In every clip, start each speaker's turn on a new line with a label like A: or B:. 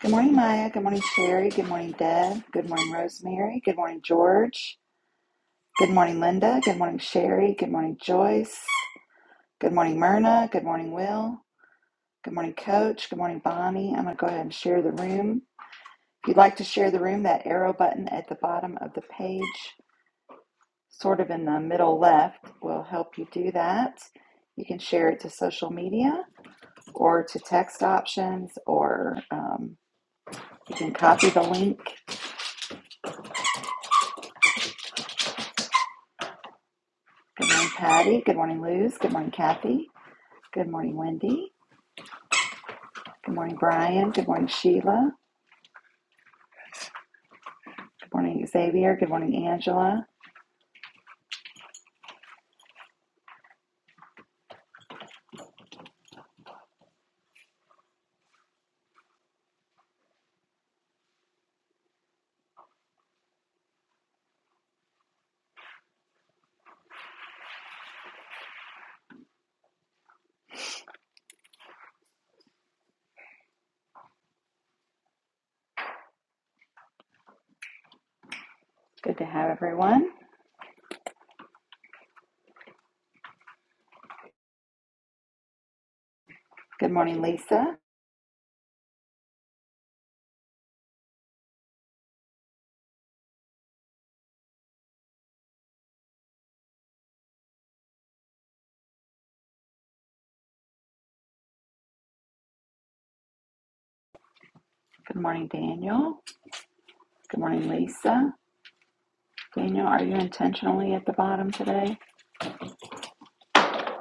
A: Good morning, Maya. Good morning, Sherry. Good morning, Deb. Good morning, Rosemary. Good morning, George. Good morning, Linda. Good morning, Sherry. Good morning, Joyce. Good morning, Myrna. Good morning, Will. Good morning, Coach. Good morning, Bonnie. I'm going to go ahead and share the room. If you'd like to share the room, that arrow button at the bottom of the page, sort of in the middle left, will help you do that. You can share it to social media or to text options, or um, you can copy the link Good morning, Patty. Good morning, Luz. Good morning, Kathy. Good morning, Wendy. Good morning, Brian. Good morning, Sheila. Good morning, Xavier. Good morning, Angela. Good to have everyone. Good morning, Lisa. Good morning, Daniel. Good morning, Lisa. Daniel, are you intentionally at the bottom today?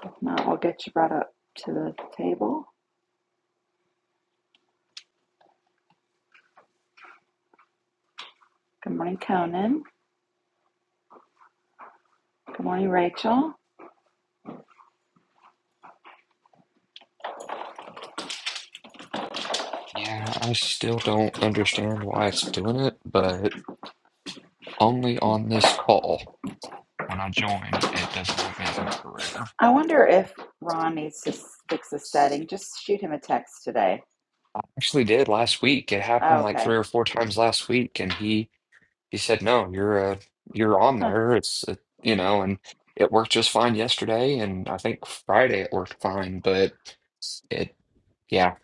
A: If not, we'll get you brought up to the table. Good morning, Conan. Good morning, Rachel.
B: Yeah, I still don't understand why it's doing it, but only
A: Okay.
B: on this call. When I join, it doesn't have me as a moderator.
A: I wonder if Ron needs to s- fix a setting. Just shoot him a text today.
B: I actually did last week. It
A: Oh,
B: happened like
A: okay.
B: three or four times last week, and he he said, "No, you're uh you're on
A: Huh.
B: there. It's uh, you know, and it worked just fine yesterday, and I think Friday it worked fine, but it yeah,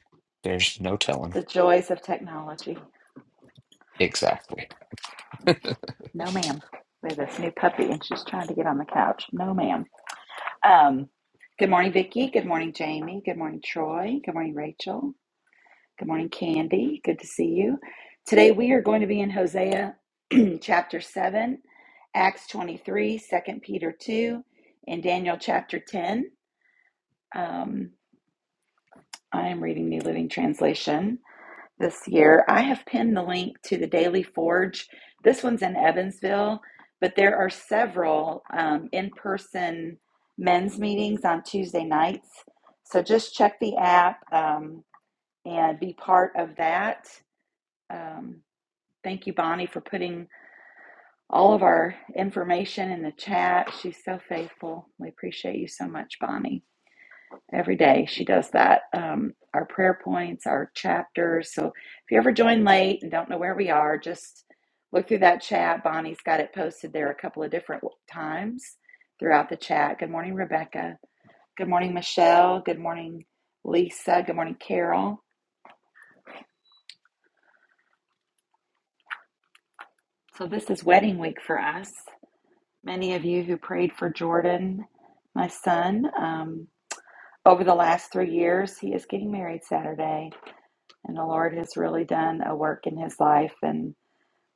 B: there's no telling
A: The joys of technology.
B: exactly."
A: No, ma'am. We have this new puppy, and she's trying to get on the couch. No, ma'am. Um, good morning, Vicky. Good morning, Jamie. Good morning, Troy. Good morning, Rachel. Good morning, Candy. Good to see you. Today we are going to be in Hosea chapter 7, Acts 23, Second Peter 2, and Daniel chapter 10. Um, I am reading New Living Translation. this year. I have pinned the link to the Daily Forge. This one's in Evansville, but there are several um, in person men's meetings on Tuesday nights. So just check the app um, and be part of that. Um, thank you, Bonnie, for putting all of our information in the chat. She's so faithful. We appreciate you so much, Bonnie. Every day she does that. Um, our prayer points, our chapters. So if you ever join late and don't know where we are, just look through that chat. Bonnie's got it posted there a couple of different times throughout the chat. Good morning, Rebecca. Good morning, Michelle. Good morning, Lisa. Good morning, Carol. So this is wedding week for us. Many of you who prayed for Jordan, my son, um, over the last three years, he is getting married Saturday And the Lord has really done a work in his life. And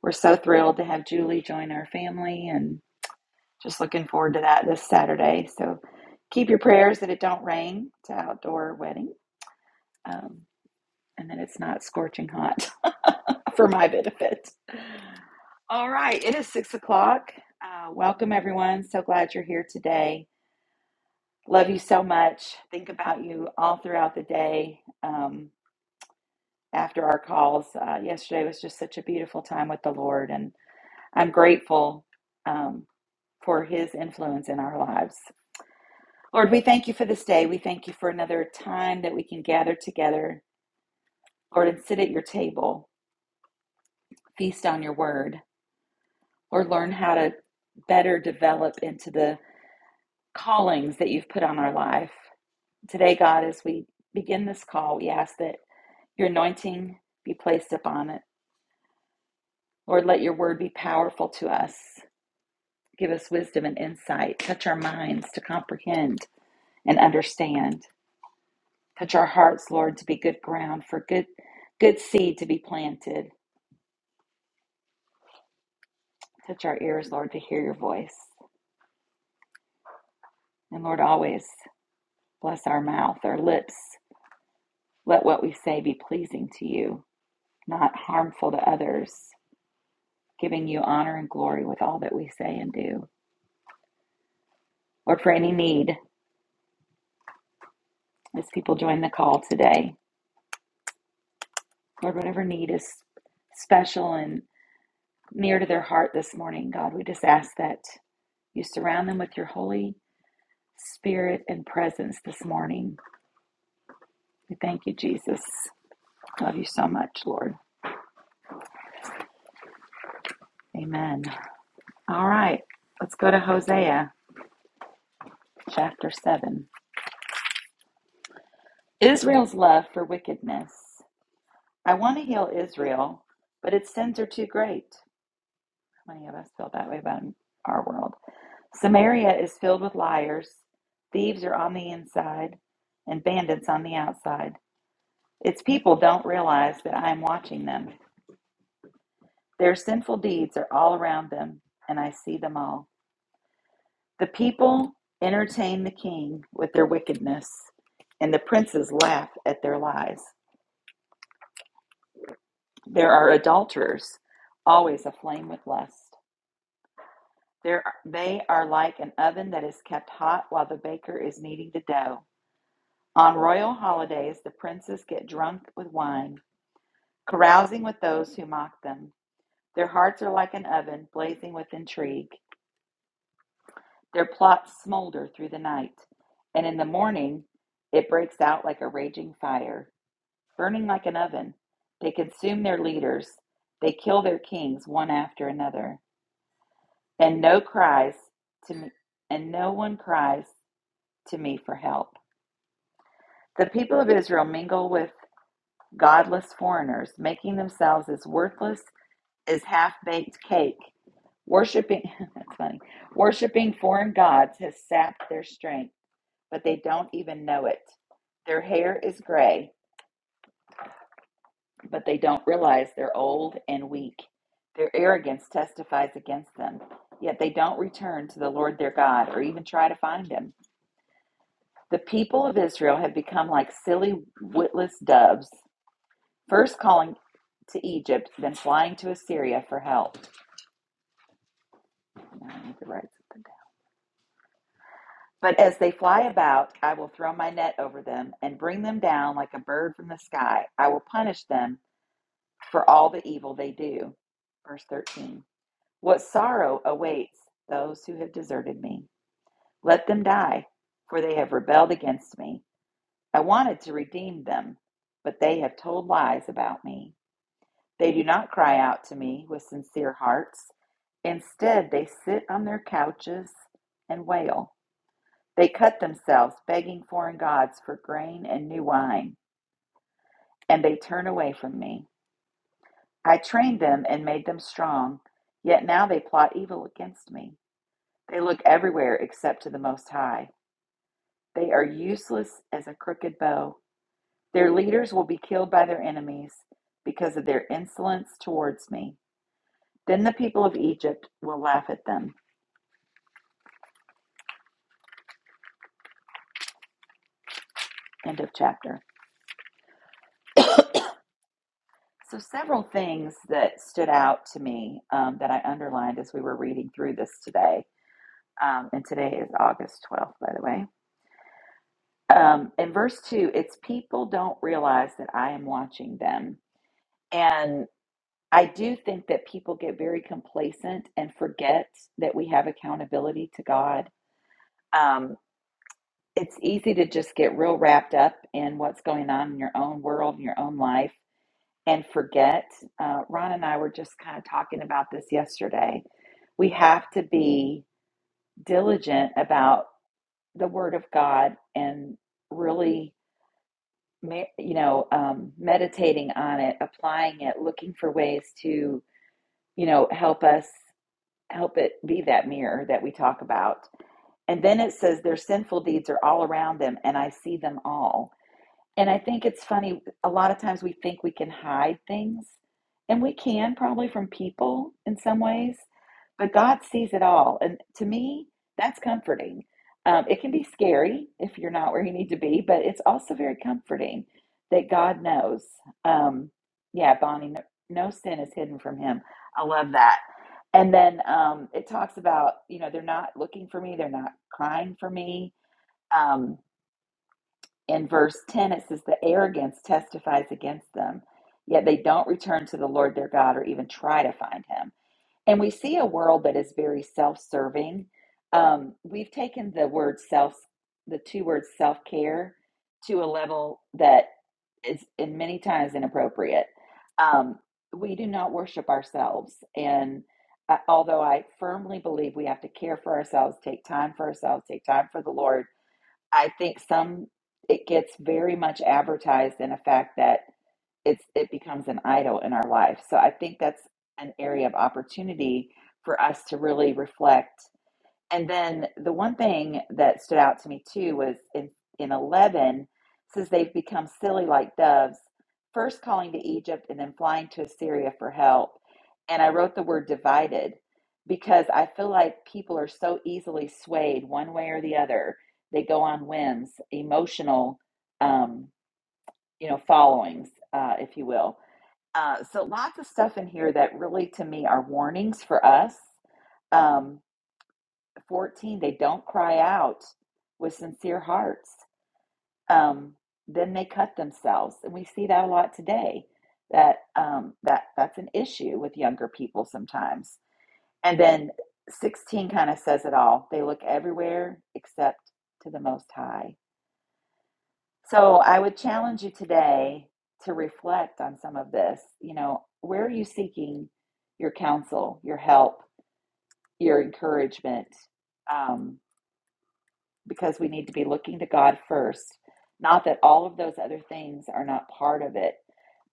A: we're so thrilled to have Julie join our family and just looking forward to that this Saturday. So keep your prayers that it don't rain. It's an outdoor wedding um, and that it's not scorching hot for my benefit. All right, it is six o'clock. Uh, welcome, everyone. So glad you're here today. Love you so much. Think about you all throughout the day. Um, after our calls, uh, yesterday was just such a beautiful time with the Lord, and I'm grateful um, for his influence in our lives. Lord, we thank you for this day. We thank you for another time that we can gather together, Lord, and sit at your table, feast on your word, or learn how to better develop into the callings that you've put on our life. Today, God, as we begin this call, we ask that your anointing be placed upon it. Lord, let your word be powerful to us. Give us wisdom and insight. Touch our minds to comprehend and understand. Touch our hearts, Lord, to be good ground for good good seed to be planted. Touch our ears, Lord, to hear your voice. And Lord, always bless our mouth, our lips. Let what we say be pleasing to you, not harmful to others, giving you honor and glory with all that we say and do. Lord, for any need, as people join the call today, Lord, whatever need is special and near to their heart this morning, God, we just ask that you surround them with your holy spirit and presence this morning. We thank you, Jesus. Love you so much, Lord. Amen. All right, let's go to Hosea chapter 7. Israel's love for wickedness. I want to heal Israel, but its sins are too great. How many of us feel that way about our world? Samaria is filled with liars, thieves are on the inside, and bandits on the outside. Its people don't realize that I am watching them. Their sinful deeds are all around them, and I see them all. The people entertain the king with their wickedness, and the princes laugh at their lies. There are adulterers, always aflame with lust. There, they are like an oven that is kept hot while the baker is kneading the dough. On royal holidays, the princes get drunk with wine, carousing with those who mock them. Their hearts are like an oven blazing with intrigue. Their plots smolder through the night, and in the morning it breaks out like a raging fire, burning like an oven. They consume their leaders, they kill their kings one after another, and no cries to me, and no one cries to me for help. The people of Israel mingle with godless foreigners, making themselves as worthless as half-baked cake. Worshiping, that's funny. Worshiping foreign gods has sapped their strength. but they don't even know it. Their hair is gray, but they don't realize they're old and weak. Their arrogance testifies against them, yet they don't return to the Lord their God or even try to find him. The people of Israel have become like silly, witless doves, first calling to Egypt, then flying to Assyria for help. I need to write something down. But as they fly about, I will throw my net over them and bring them down like a bird from the sky. I will punish them for all the evil they do. Verse 13 What sorrow awaits those who have deserted me? Let them die, for they have rebelled against me. I wanted to redeem them, but they have told lies about me. They do not cry out to me with sincere hearts. Instead, they sit on their couches and wail. They cut themselves, begging foreign gods for grain and new wine, and they turn away from me. I trained them and made them strong, yet now they plot evil against me. They look everywhere except to the Most High. They are useless as a crooked bow. Their leaders will be killed by their enemies because of their insolence towards me. Then the people of Egypt will laugh at them. End of chapter. So, several things that stood out to me um, that I underlined as we were reading through this today. Um, and today is August 12th, by the way. Um, in verse 2, it's people don't realize that I am watching them. And I do think that people get very complacent and forget that we have accountability to God. Um, it's easy to just get real wrapped up in what's going on in your own world, in your own life, and forget. Uh, Ron and I were just kind of talking about this yesterday. We have to be diligent about the Word of God and really you know, um, meditating on it, applying it, looking for ways to, you know, help us, help it be that mirror that we talk about. And then it says their sinful deeds are all around them, and I see them all. And I think it's funny, a lot of times we think we can hide things, and we can probably from people in some ways, but God sees it all. And to me, that's comforting. Um, it can be scary if you're not where you need to be, but it's also very comforting that God knows. Um, yeah, Bonnie, no, no sin is hidden from him. I love that. And then um, it talks about, you know, they're not looking for me, they're not crying for me. Um, in verse 10, it says, The arrogance testifies against them, yet they don't return to the Lord their God or even try to find him. And we see a world that is very self serving. Um, we've taken the word self, the two words self care, to a level that is in many times inappropriate. Um, we do not worship ourselves. And uh, although I firmly believe we have to care for ourselves, take time for ourselves, take time for the Lord, I think some it gets very much advertised in the fact that it's it becomes an idol in our life. So I think that's an area of opportunity for us to really reflect and then the one thing that stood out to me too was in, in 11, says they've become silly like doves, first calling to Egypt and then flying to Assyria for help. And I wrote the word divided because I feel like people are so easily swayed one way or the other. They go on whims, emotional, um, you know, followings, uh, if you will. Uh, so lots of stuff in here that really to me are warnings for us. Um, 14 they don't cry out with sincere hearts um, then they cut themselves and we see that a lot today that um, that that's an issue with younger people sometimes and then 16 kind of says it all they look everywhere except to the most high so i would challenge you today to reflect on some of this you know where are you seeking your counsel your help your encouragement Um, because we need to be looking to God first. Not that all of those other things are not part of it,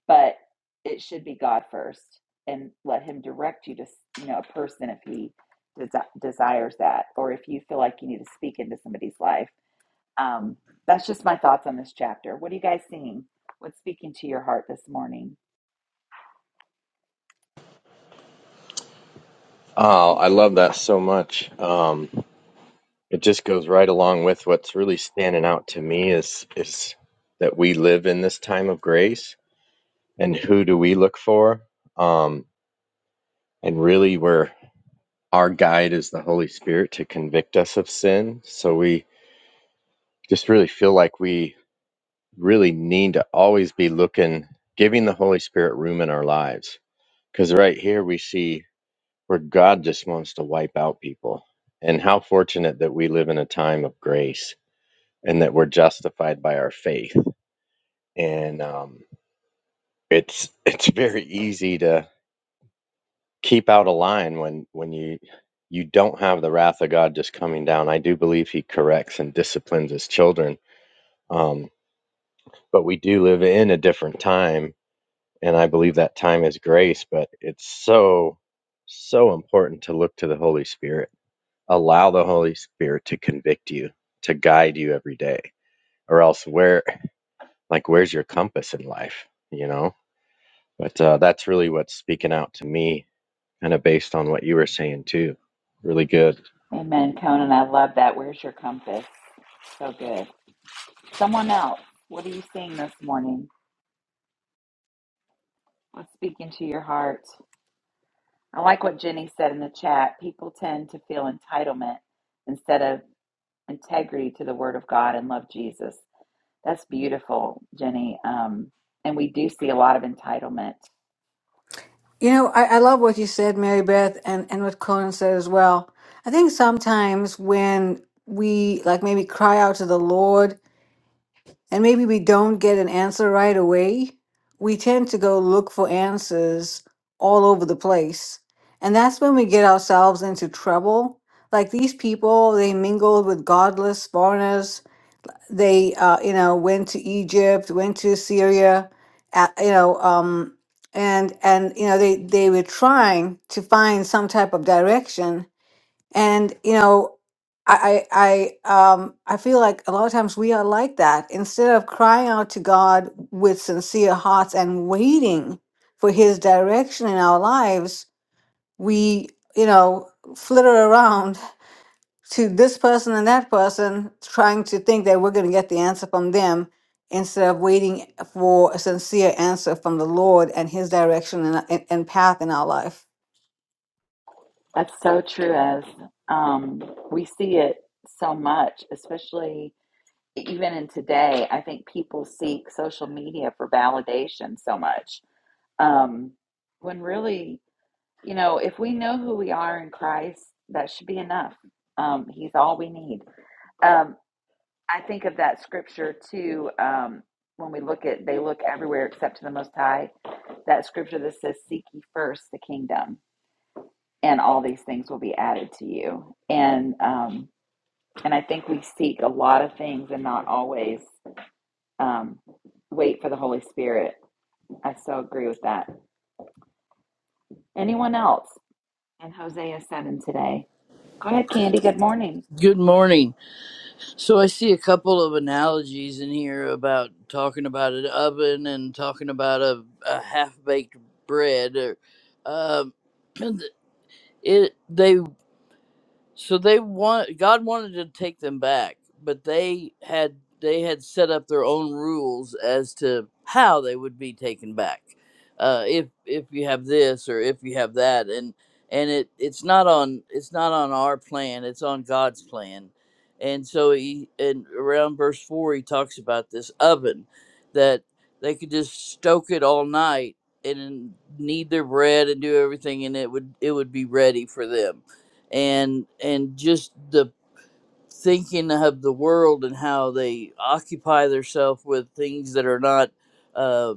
A: but it should be God first and let Him direct you to, you know, a person if He desi- desires that, or if you feel like you need to speak into somebody's life. Um, that's just my thoughts on this chapter. What are you guys seeing? What's speaking to your heart this morning?
C: Oh, I love that so much. Um, it just goes right along with what's really standing out to me is is that we live in this time of grace, and who do we look for? Um, and really, where our guide is the Holy Spirit to convict us of sin. So we just really feel like we really need to always be looking, giving the Holy Spirit room in our lives. Because right here we see where God just wants to wipe out people. And how fortunate that we live in a time of grace and that we're justified by our faith. And um, it's it's very easy to keep out of line when when you you don't have the wrath of God just coming down. I do believe He corrects and disciplines His children, um, but we do live in a different time, and I believe that time is grace. But it's so so important to look to the Holy Spirit allow the Holy Spirit to convict you, to guide you every day, or else where, like, where's your compass in life, you know? But uh, that's really what's speaking out to me, kind of based on what you were saying too. Really good.
A: Amen, Conan. I love that. Where's your compass? So good. Someone else, what are you seeing this morning? What's speaking to your heart? I like what Jenny said in the chat. People tend to feel entitlement instead of integrity to the Word of God and love Jesus. That's beautiful, Jenny. Um, and we do see a lot of entitlement.
D: You know, I, I love what you said, Mary Beth, and, and what Conan said as well. I think sometimes when we like maybe cry out to the Lord and maybe we don't get an answer right away, we tend to go look for answers all over the place. And that's when we get ourselves into trouble. Like these people, they mingled with godless foreigners they uh, you know went to Egypt, went to Syria, uh, you know, um, and and you know they they were trying to find some type of direction, and you know. I I I, um I feel like a lot of times we are like that. Instead of crying out to God with sincere hearts and waiting for His direction in our lives, we you know flitter around to this person and that person, trying to think that we're going to get the answer from them instead of waiting for a sincere answer from the Lord and His direction and, and, and path in our life.
A: That's so true, as um, we see it so much, especially. even in today, I think people seek social media for validation so much. Um, when really, you know, if we know who we are in Christ, that should be enough. Um, he's all we need. Um, I think of that scripture too. Um, when we look at, they look everywhere except to the Most High. That scripture that says, "Seek ye first the kingdom, and all these things will be added to you." And um, and I think we seek a lot of things and not always. um, wait for the Holy Spirit. I so agree with that. Anyone else in Hosea 7 today? Go ahead, Candy. Good morning.
E: Good morning. So I see a couple of analogies in here about talking about an oven and talking about a, a half baked bread. Or, um, and it they so they want God wanted to take them back, but they had they had set up their own rules as to how they would be taken back. Uh, if if you have this or if you have that, and and it it's not on it's not on our plan. It's on God's plan. And so he and around verse four he talks about this oven that they could just stoke it all night and knead their bread and do everything and it would it would be ready for them and and just the thinking of the world and how they occupy themselves with things that are not uh,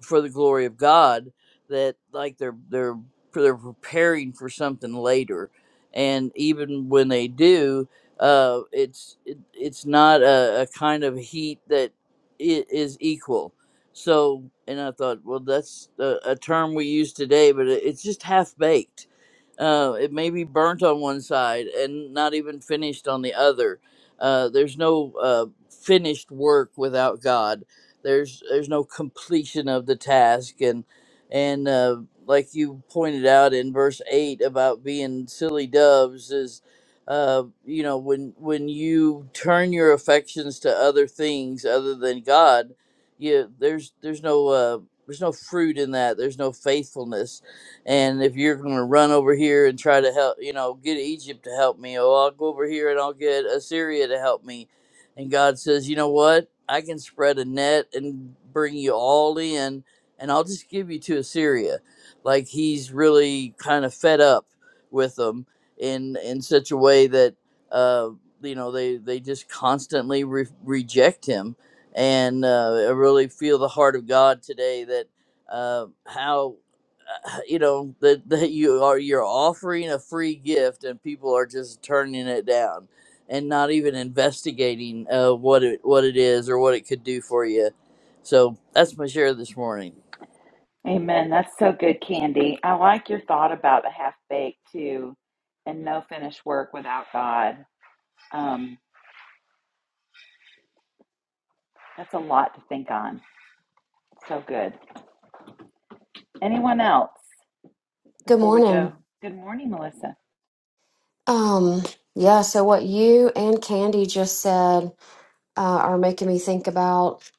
E: for the glory of God. That like they're they're they're preparing for something later, and even when they do, uh, it's it, it's not a, a kind of heat that it is equal. So, and I thought, well, that's a, a term we use today, but it, it's just half baked uh, it may be burnt on one side and not even finished on the other. Uh, there's no uh, finished work without God. There's there's no completion of the task, and and uh, like you pointed out in verse eight about being silly doves is, uh, you know, when when you turn your affections to other things other than God, you there's there's no uh, there's no fruit in that. There's no faithfulness and if you're going to run over here and try to help, you know, get Egypt to help me, or I'll go over here and I'll get Assyria to help me. And God says, you know what? I can spread a net and bring you all in, and I'll just give you to Assyria. Like he's really kind of fed up with them in in such a way that uh, you know they they just constantly re- reject him, and uh, I really feel the heart of God today that uh, how you know that, that you are you're offering a free gift and people are just turning it down and not even investigating uh, what it what it is or what it could do for you so that's my share this morning
A: Amen. That's so good, Candy. I like your thought about the half baked too and no finished work without God. Um, that's a lot to think on. So good. Anyone else
F: Good
A: before we
F: morning.
A: go? Good morning, Melissa.
F: Um, yeah, so what you and Candy just said uh, are making me think about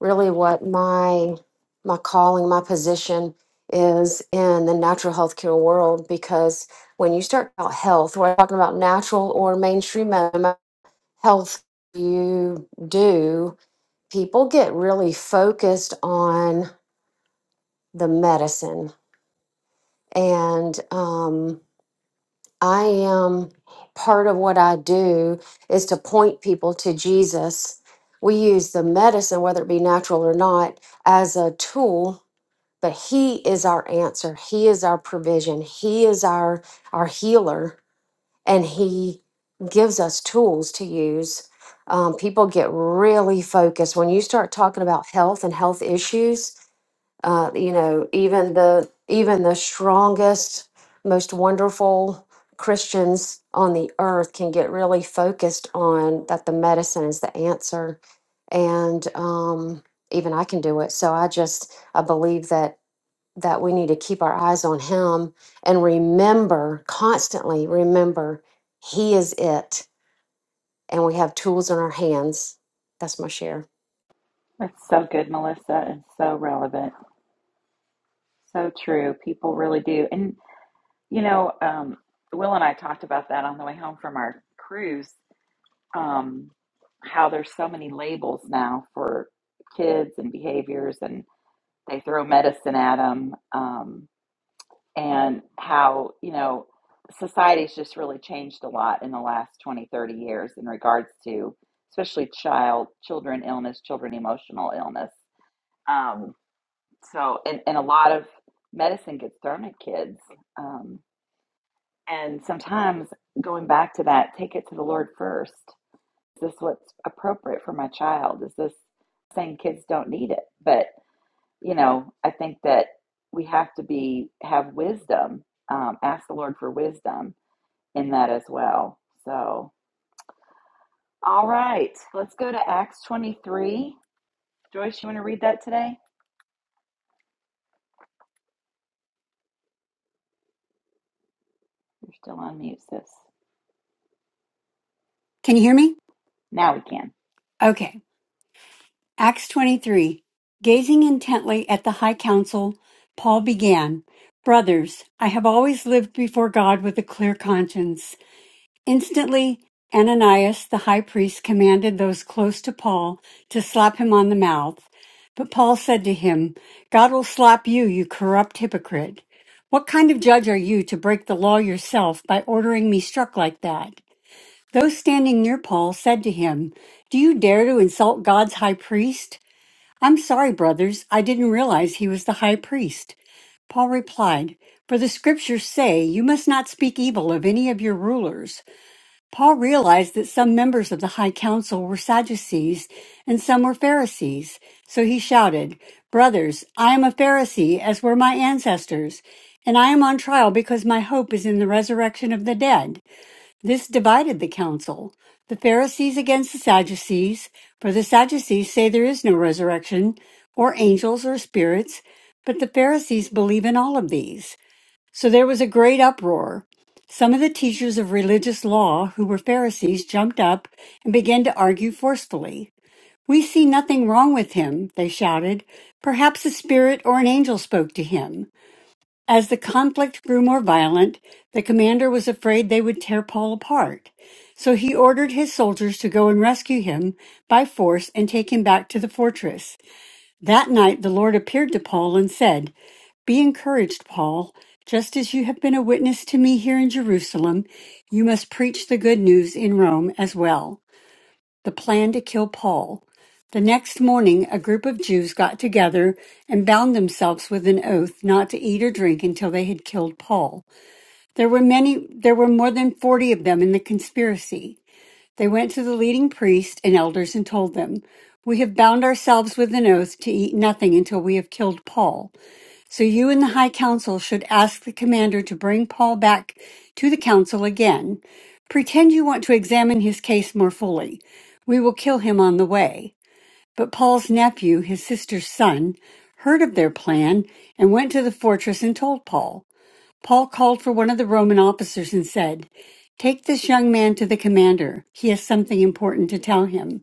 F: really what my my calling, my position is in the natural healthcare world. Because when you start about health, we're talking about natural or mainstream med- health. You do people get really focused on the medicine and um, I am part of what I do is to point people to Jesus. We use the medicine, whether it be natural or not, as a tool, but He is our answer. He is our provision. He is our our healer, and He gives us tools to use. Um, people get really focused when you start talking about health and health issues uh, you know even the even the strongest most wonderful christians on the earth can get really focused on that the medicine is the answer and um, even i can do it so i just i believe that that we need to keep our eyes on him and remember constantly remember he is it and we have tools in our hands that's my share
A: That's so good, Melissa, and so relevant. So true. People really do. and. You know, um, Will and I talked about that on the way home from our cruise. Um, how there's so many labels now for kids and behaviors, and they throw medicine at them, um, and how, you know, society's just really changed a lot in the last 20, 30 years in regards to especially child, children illness, children emotional illness. Um, so, and, and a lot of medicine gets thrown at kids. Um, And sometimes going back to that, take it to the Lord first. Is this what's appropriate for my child? Is this saying kids don't need it? But, you know, I think that we have to be, have wisdom, um, ask the Lord for wisdom in that as well. So, all right, let's go to Acts 23. Joyce, you want to read that today? You're still on mute, sis.
G: Can you hear me?
A: Now we can.
G: Okay. Acts 23. Gazing intently at the high council, Paul began, Brothers, I have always lived before God with a clear conscience. Instantly, Ananias the high priest commanded those close to Paul to slap him on the mouth. But Paul said to him, God will slap you, you corrupt hypocrite. What kind of judge are you to break the law yourself by ordering me struck like that? Those standing near Paul said to him, Do you dare to insult God's high priest? I'm sorry, brothers, I didn't realize he was the high priest. Paul replied, For the scriptures say, You must not speak evil of any of your rulers. Paul realized that some members of the high council were Sadducees and some were Pharisees. So he shouted, Brothers, I am a Pharisee, as were my ancestors, and I am on trial because my hope is in the resurrection of the dead. This divided the council, the Pharisees against the Sadducees, for the Sadducees say there is no resurrection, or angels, or spirits, but the Pharisees believe in all of these. So there was a great uproar. Some of the teachers of religious law who were Pharisees jumped up and began to argue forcefully. We see nothing wrong with him, they shouted. Perhaps a spirit or an angel spoke to him. As the conflict grew more violent, the commander was afraid they would tear Paul apart, so he ordered his soldiers to go and rescue him by force and take him back to the fortress. That night, the Lord appeared to Paul and said, Be encouraged, Paul. Just as you have been a witness to me here in Jerusalem, you must preach the good news in Rome as well the plan to kill Paul. The next morning, a group of Jews got together and bound themselves with an oath not to eat or drink until they had killed Paul. There were many, there were more than 40 of them in the conspiracy. They went to the leading priests and elders and told them, We have bound ourselves with an oath to eat nothing until we have killed Paul. So you and the High Council should ask the commander to bring Paul back to the Council again. Pretend you want to examine his case more fully. We will kill him on the way. But Paul's nephew, his sister's son, heard of their plan and went to the fortress and told Paul. Paul called for one of the Roman officers and said, Take this young man to the commander. He has something important to tell him.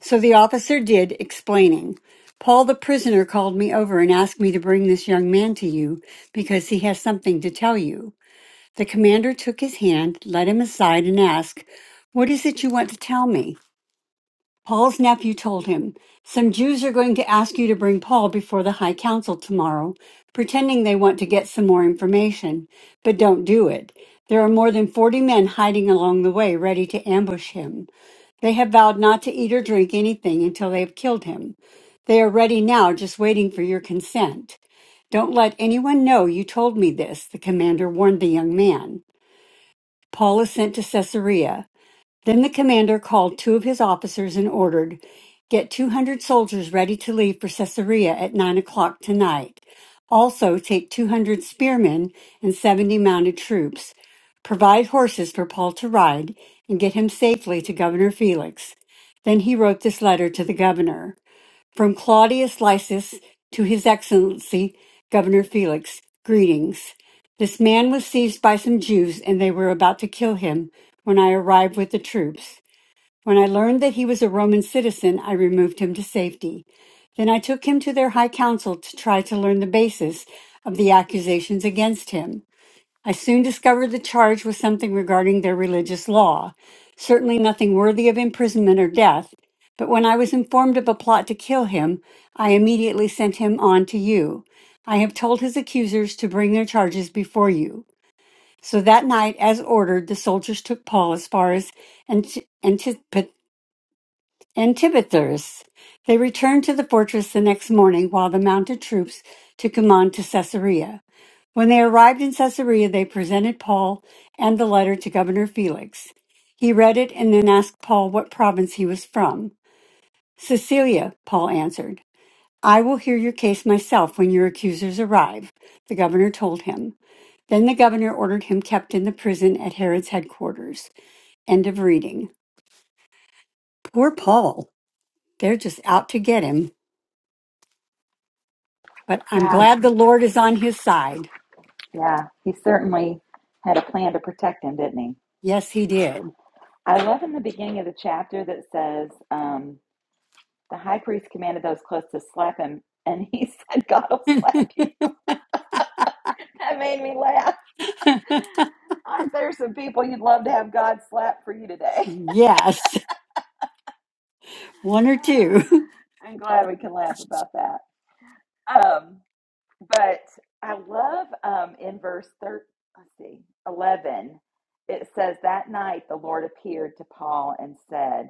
G: So the officer did, explaining. Paul the prisoner called me over and asked me to bring this young man to you because he has something to tell you. The commander took his hand, led him aside, and asked, What is it you want to tell me? Paul's nephew told him, Some Jews are going to ask you to bring Paul before the high council tomorrow, pretending they want to get some more information, but don't do it. There are more than 40 men hiding along the way ready to ambush him. They have vowed not to eat or drink anything until they have killed him. They are ready now, just waiting for your consent. Don't let anyone know you told me this, the commander warned the young man. Paul is sent to Caesarea. Then the commander called two of his officers and ordered, Get 200 soldiers ready to leave for Caesarea at 9 o'clock tonight. Also, take 200 spearmen and 70 mounted troops. Provide horses for Paul to ride and get him safely to Governor Felix. Then he wrote this letter to the governor. From Claudius Lysis to His Excellency Governor Felix, greetings. This man was seized by some Jews, and they were about to kill him when I arrived with the troops. When I learned that he was a Roman citizen, I removed him to safety. Then I took him to their high council to try to learn the basis of the accusations against him. I soon discovered the charge was something regarding their religious law, certainly nothing worthy of imprisonment or death. But when I was informed of a plot to kill him, I immediately sent him on to you. I have told his accusers to bring their charges before you. So that night, as ordered, the soldiers took Paul as far as Antipatris Antibithers. They returned to the fortress the next morning while the mounted troops took him on to Caesarea. When they arrived in Caesarea, they presented Paul and the letter to Governor Felix. He read it and then asked Paul what province he was from. Cecilia, Paul answered. I will hear your case myself when your accusers arrive, the governor told him. Then the governor ordered him kept in the prison at Herod's headquarters. End of reading. Poor Paul. They're just out to get him. But I'm
A: Yeah,
G: glad the Lord is on his side.
A: Yeah, he certainly had a plan to protect him, didn't he?
G: Yes, he did.
A: I love in the beginning of the chapter that says um, the high priest commanded those close to slap him, and he said, God will slap you. That made me laugh. Aren't there some people you'd love to have God slap for you today?
G: Yes, one or two.
A: I'm glad we can laugh about that. Um, but I love um, in verse 13, let's see, 11, it says, That night the Lord appeared to Paul and said,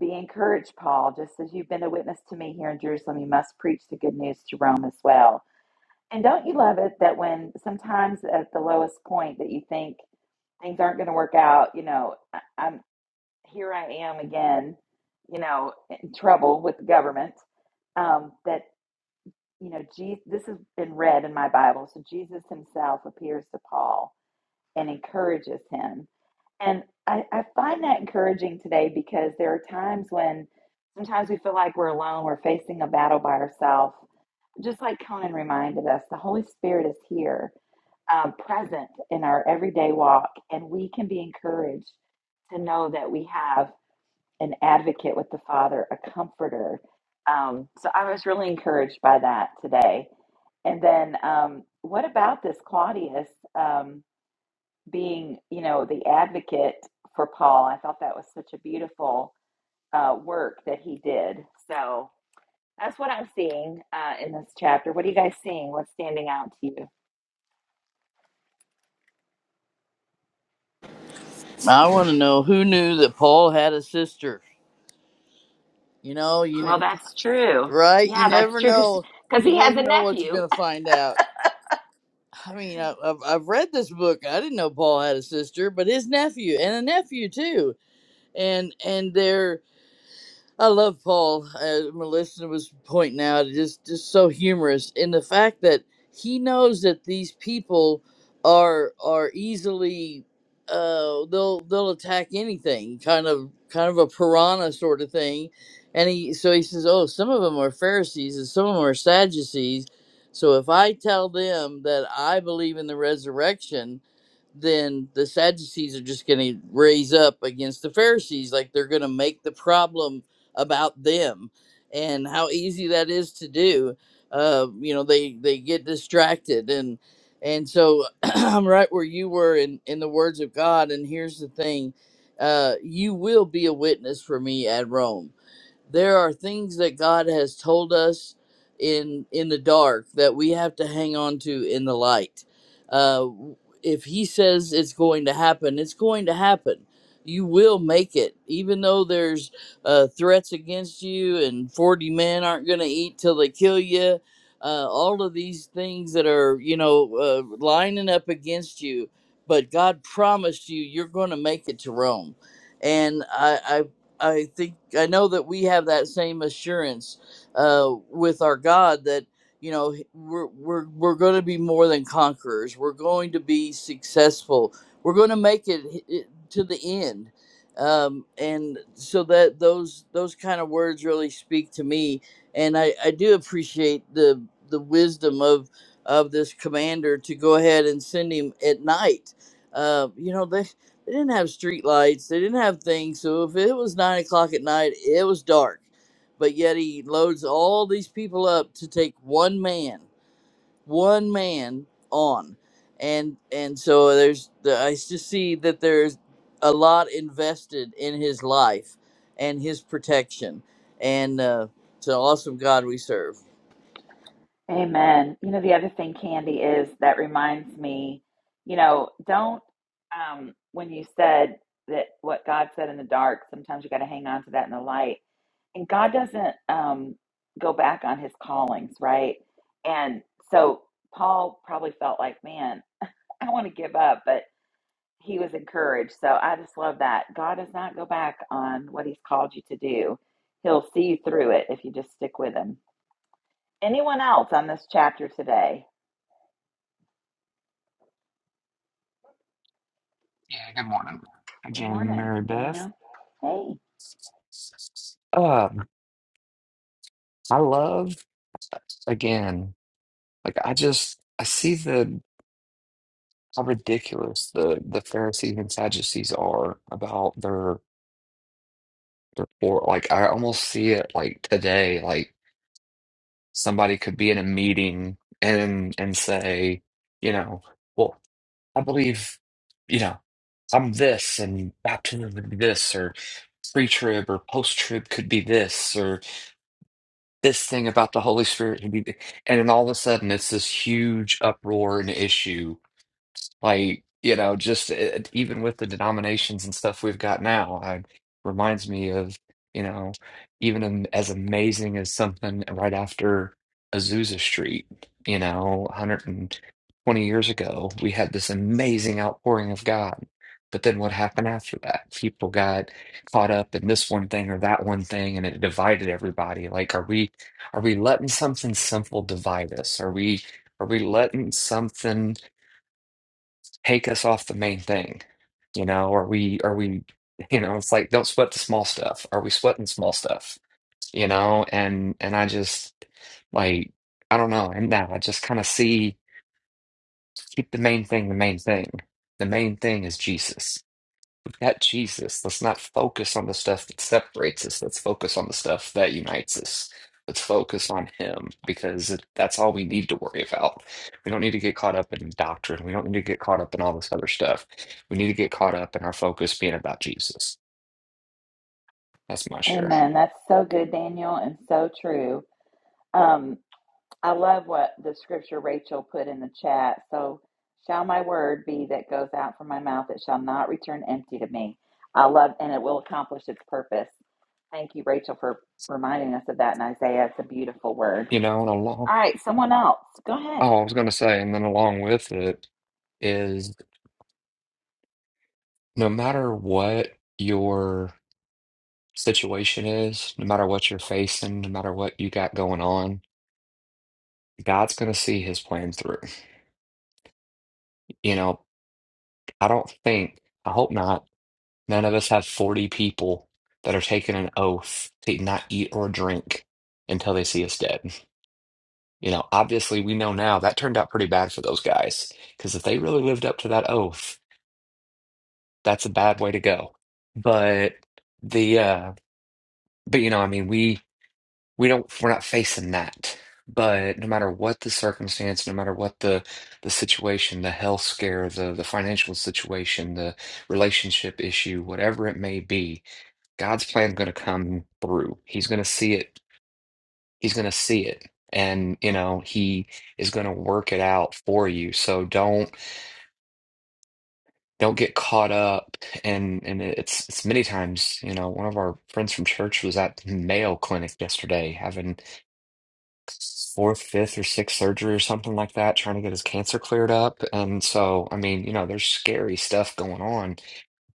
A: Be encouraged, Paul. Just as you've been a witness to me here in Jerusalem, you must preach the good news to Rome as well. And don't you love it that when sometimes at the lowest point that you think things aren't going to work out, you know, I- I'm here I am again, you know, in trouble with the government. Um, that you know, Jesus, this has been read in my Bible. So Jesus himself appears to Paul and encourages him and I, I find that encouraging today because there are times when sometimes we feel like we're alone, we're facing a battle by ourselves. Just like Conan reminded us, the Holy Spirit is here, um, present in our everyday walk, and we can be encouraged to know that we have an advocate with the Father, a comforter. Um, so I was really encouraged by that today. And then, um, what about this, Claudius? Um, being, you know, the advocate for Paul. I thought that was such a beautiful uh, work that he did. So that's what I'm seeing uh, in this chapter. What are you guys seeing? What's standing out to you?
E: i want to know who knew that paul had a sister you know you
A: Well,
E: know
A: that's true.
E: right you
A: Yeah, that's
E: never
A: true
E: know
A: because
E: you
A: he has
E: never
A: a
E: know what you're
A: nephew.
E: going to find out i mean I, I've, I've read this book i didn't know paul had a sister but his nephew and a nephew too and and they're I love Paul. As my was pointing out, it's just just so humorous in the fact that he knows that these people are are easily uh they'll they'll attack anything kind of kind of a piranha sort of thing and he so he says oh some of them are pharisees and some of them are sadducees so if i tell them that i believe in the resurrection then the Sadducees are just going to raise up against the Pharisees. Like they're going to make the problem about them and how easy that is to do. Uh, you know, they they get distracted and and so I'm right where you were in in the words of God. And here's the thing, uh, you will be a witness for me at Rome there are things that God has told us in in the dark that we have to hang on to in the light. Uh, if He says it's going to happen, it's going to happen. You will make it, even though there's uh, threats against you, and forty men aren't going to eat till they kill you. Uh, all of these things that are you know uh, lining up against you, but God promised you you're going to make it to Rome and I, I think I know that we have that same assurance uh, with our God that you know h- we're we're we're going to be more than conquerors. We're going to be successful. We're going to make it, h- it to the end. Um, and so that those those kind of words really speak to me, and I, I do appreciate the the wisdom of of this commander to go ahead and send him at night. Uh, you know, They didn't have street lights. They didn't have things. So if it was nine o'clock at night, it was dark. But yet he loads all these people up to take one man, one man on, and and so there's the, I just see that there's a lot invested in his life and his protection, and uh, it's an awesome God we serve.
A: Amen. You know, the other thing, Candy, is that reminds me, you know, don't, um, when you said that what God said in the dark, sometimes you got to hang on to that in the light and God doesn't um, go back on his callings, right? And so Paul probably felt like, man, I want to give up, but he was encouraged. So I just love that. God does not go back on what he's called you to do, he'll see you through it if you just stick with him. Anyone else on this chapter today?
B: Yeah, good morning.
A: Good
B: Again,
A: morning,
B: Mary Beth.
A: Daniel. Hey.
B: Um, I love again. Like I just I see the how ridiculous the the Pharisees and Sadducees are about their their poor. Like I almost see it like today. Like somebody could be in a meeting and and say, you know, well, I believe, you know, I'm this, and baptism would be this, or pre-trib or post-trib could be this, or this thing about the Holy Spirit could be, th- and then all of a sudden it's this huge uproar and issue Like, you know, just it, even with the denominations and stuff we've got now, I reminds me of, you know, even am- as amazing as something right after Azusa Street, you know, 120 years ago, we had this amazing outpouring of God. But then what happened after that? People got caught up in this one thing or that one thing, and it divided everybody. Like, are we are we letting something simple divide us? Are we are we letting something? take us off the main thing you know are we are we you know it's like don't sweat the small stuff are we sweating small stuff you know and and i just like i don't know and now i just kind of see keep the main thing the main thing the main thing is jesus We've got Jesus. Let's not focus on the stuff that separates us. Let's focus on the stuff that unites us. Let's focus on Him because that's all we need to worry about. We don't need to get caught up in doctrine. We don't need to get caught up in all this other stuff. We need to get caught up in our focus being about Jesus. That's my share.
A: Amen. That's so good, Daniel, and so true. Um, I love what the scripture Rachel put in the chat. So, shall my word be that goes out from my mouth, it shall not return empty to me. I love, and it will accomplish its purpose. Thank you, Rachel, for reminding us of that in Isaiah. It's a beautiful word.
B: You know, and along,
A: All right, someone else. Go ahead.
B: oh, I was going to say, and then along with it is no matter what your situation is, no matter what you're facing, no matter what you got going on, God's going to see his plan through. You know, I don't think, I hope not, none of us have 40 people that are taking an oath to not eat or drink until they see us dead. You know, obviously, we know now that turned out pretty bad for those guys because if they really lived up to that oath, that's a bad way to go. But the, uh, but you know, I mean, we, we don't we're not facing that but no matter what the circumstance no matter what the the situation the health scare the the financial situation the relationship issue whatever it may be god's plan's going to come through he's going to see it he's going to see it and you know he is going to work it out for you so don't don't get caught up and and it's it's many times you know one of our friends from church was at mayo clinic yesterday having fourth, fifth, or sixth surgery or something like that, trying to get his cancer cleared up. And so, I mean, you know, there's scary stuff going on,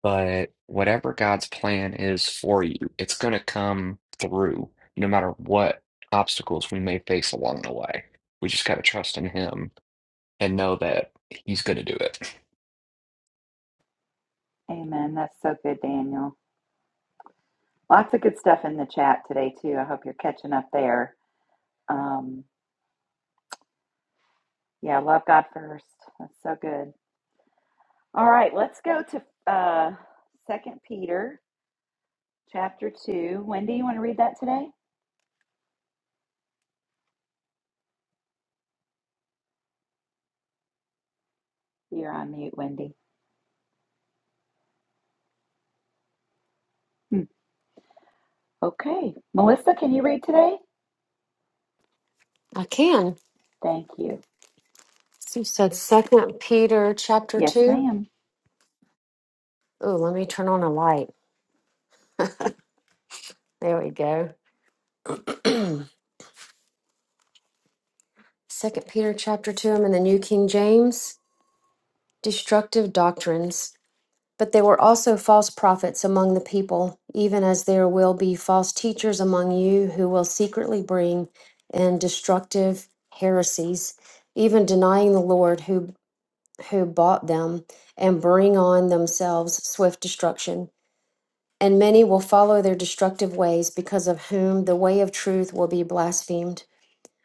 B: but whatever God's plan is for you, it's going to come through no matter what obstacles we may face along the way. We just got to trust in Him and know that He's going to do it.
A: Amen. That's so good, Daniel. Lots of good stuff in the chat today, too. I hope you're catching up there. Um, yeah, love God first. That's so good. All right, let's go to uh, Second Peter Chapter 2. Wendy, you want to read that today? You're on mute, Wendy. Hmm. Okay. Melissa, can you read today?
F: i can
A: Thank you.
F: so you said second peter chapter
A: Yes,
F: 2
A: ma'am.
F: Oh, let me turn on a light. There we go. Second Peter chapter 2, I'm in the New King James. Destructive doctrines. But there were also false prophets among the people, even as there will be false teachers among you who will secretly bring in destructive heresies, even denying the Lord who who bought them, and bring on themselves swift destruction. And many will follow their destructive ways, because of whom the way of truth will be blasphemed.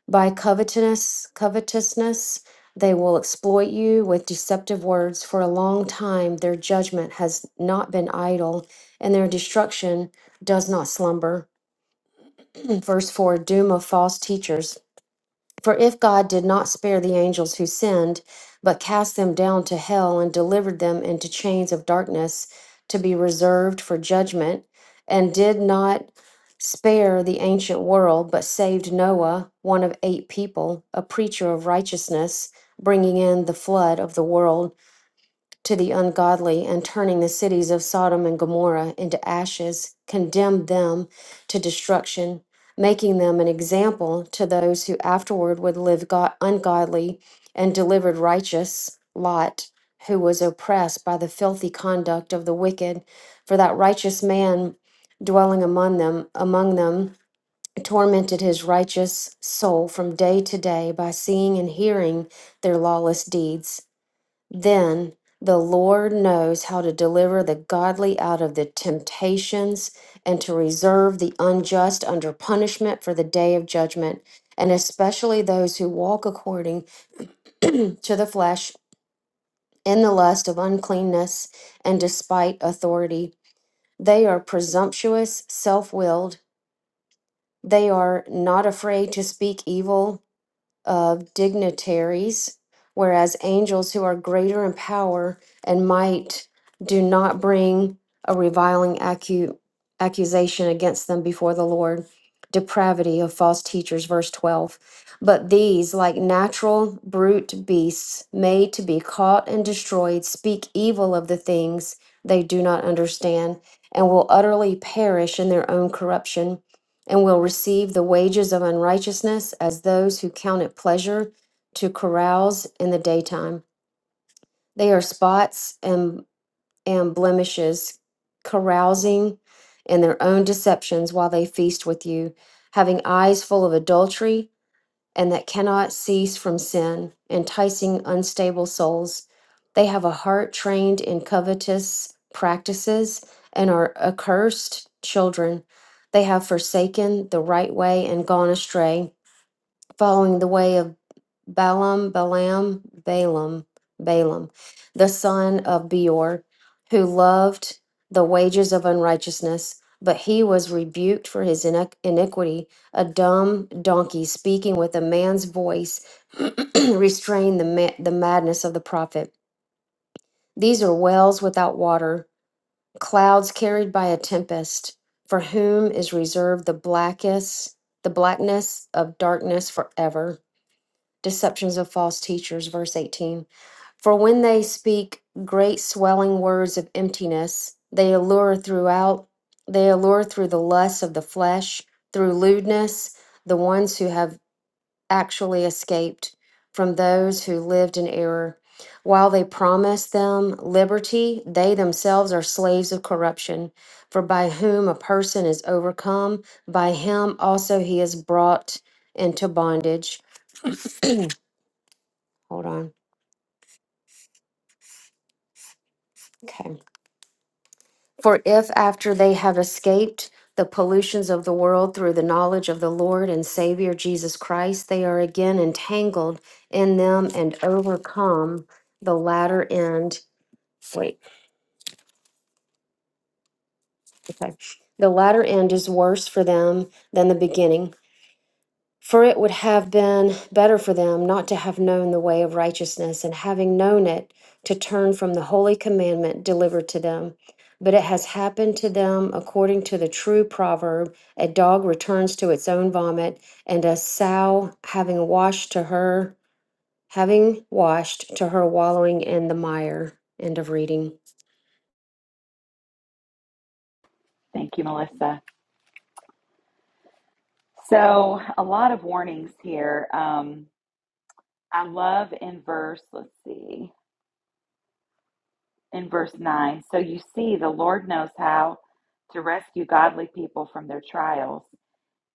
F: By covetousness, covetousness, they will exploit you with deceptive words. For a long time, their judgment has not been idle, and their destruction does not slumber. Verse 4 Doom of false teachers. For if God did not spare the angels who sinned, but cast them down to hell and delivered them into chains of darkness to be reserved for judgment, and did not spare the ancient world, but saved Noah, one of eight people, a preacher of righteousness, bringing in the flood of the world to the ungodly and turning the cities of Sodom and Gomorrah into ashes, condemned them to destruction, making them an example to those who afterward would live go- ungodly, and delivered righteous Lot, who was oppressed by the filthy conduct of the wicked. For that righteous man dwelling among them, among them, tormented his righteous soul from day to day by seeing and hearing their lawless deeds. Then the Lord knows how to deliver the godly out of the temptations and to reserve the unjust under punishment for the day of judgment, and especially those who walk according to the flesh in the lust of uncleanness and despite authority. They are presumptuous, self willed. They are not afraid to speak evil of dignitaries, whereas angels who are greater in power and might do not bring a reviling accu- accusation against them before the Lord. Depravity of false teachers, verse 12. But these, like natural brute beasts, made to be caught and destroyed, speak evil of the things they do not understand and will utterly perish in their own corruption and will receive the wages of unrighteousness as those who count it pleasure to carouse in the daytime. They are spots and, and blemishes, carousing in their own deceptions while they feast with you, having eyes full of adultery and that cannot cease from sin, enticing unstable souls. They have a heart trained in covetous practices and are accursed children. They have forsaken the right way and gone astray following the way of Balaam, Balaam, Balaam, Balaam, the son of Beor, who loved the wages of unrighteousness, but he was rebuked for his iniq- iniquity. A dumb donkey speaking with a man's voice restrained the, ma- the madness of the prophet. These are wells without water, clouds carried by a tempest, for whom is reserved the blackest, the blackness of darkness forever deceptions of false teachers, verse 18. For when they speak great swelling words of emptiness, they allure throughout, they allure through the lusts of the flesh, through lewdness, the ones who have actually escaped from those who lived in error. While they promise them liberty, they themselves are slaves of corruption. For by whom a person is overcome, by him also he is brought into bondage. Hold on. Okay. For if after they have escaped the pollutions of the world through the knowledge of the Lord and Savior Jesus Christ, they are again entangled in them and overcome, the latter end, wait, okay, the latter end is worse for them than the beginning. For it would have been better for them not to have known the way of righteousness, and having known it, to turn from the holy commandment delivered to them. But it has happened to them according to the true proverb a dog returns to its own vomit, and a sow having washed to her, having washed to her wallowing in the mire. End of reading.
A: Thank you, Melissa. So, a lot of warnings here. Um, I love in verse, let's see, in verse 9. So, you see, the Lord knows how to rescue godly people from their trials,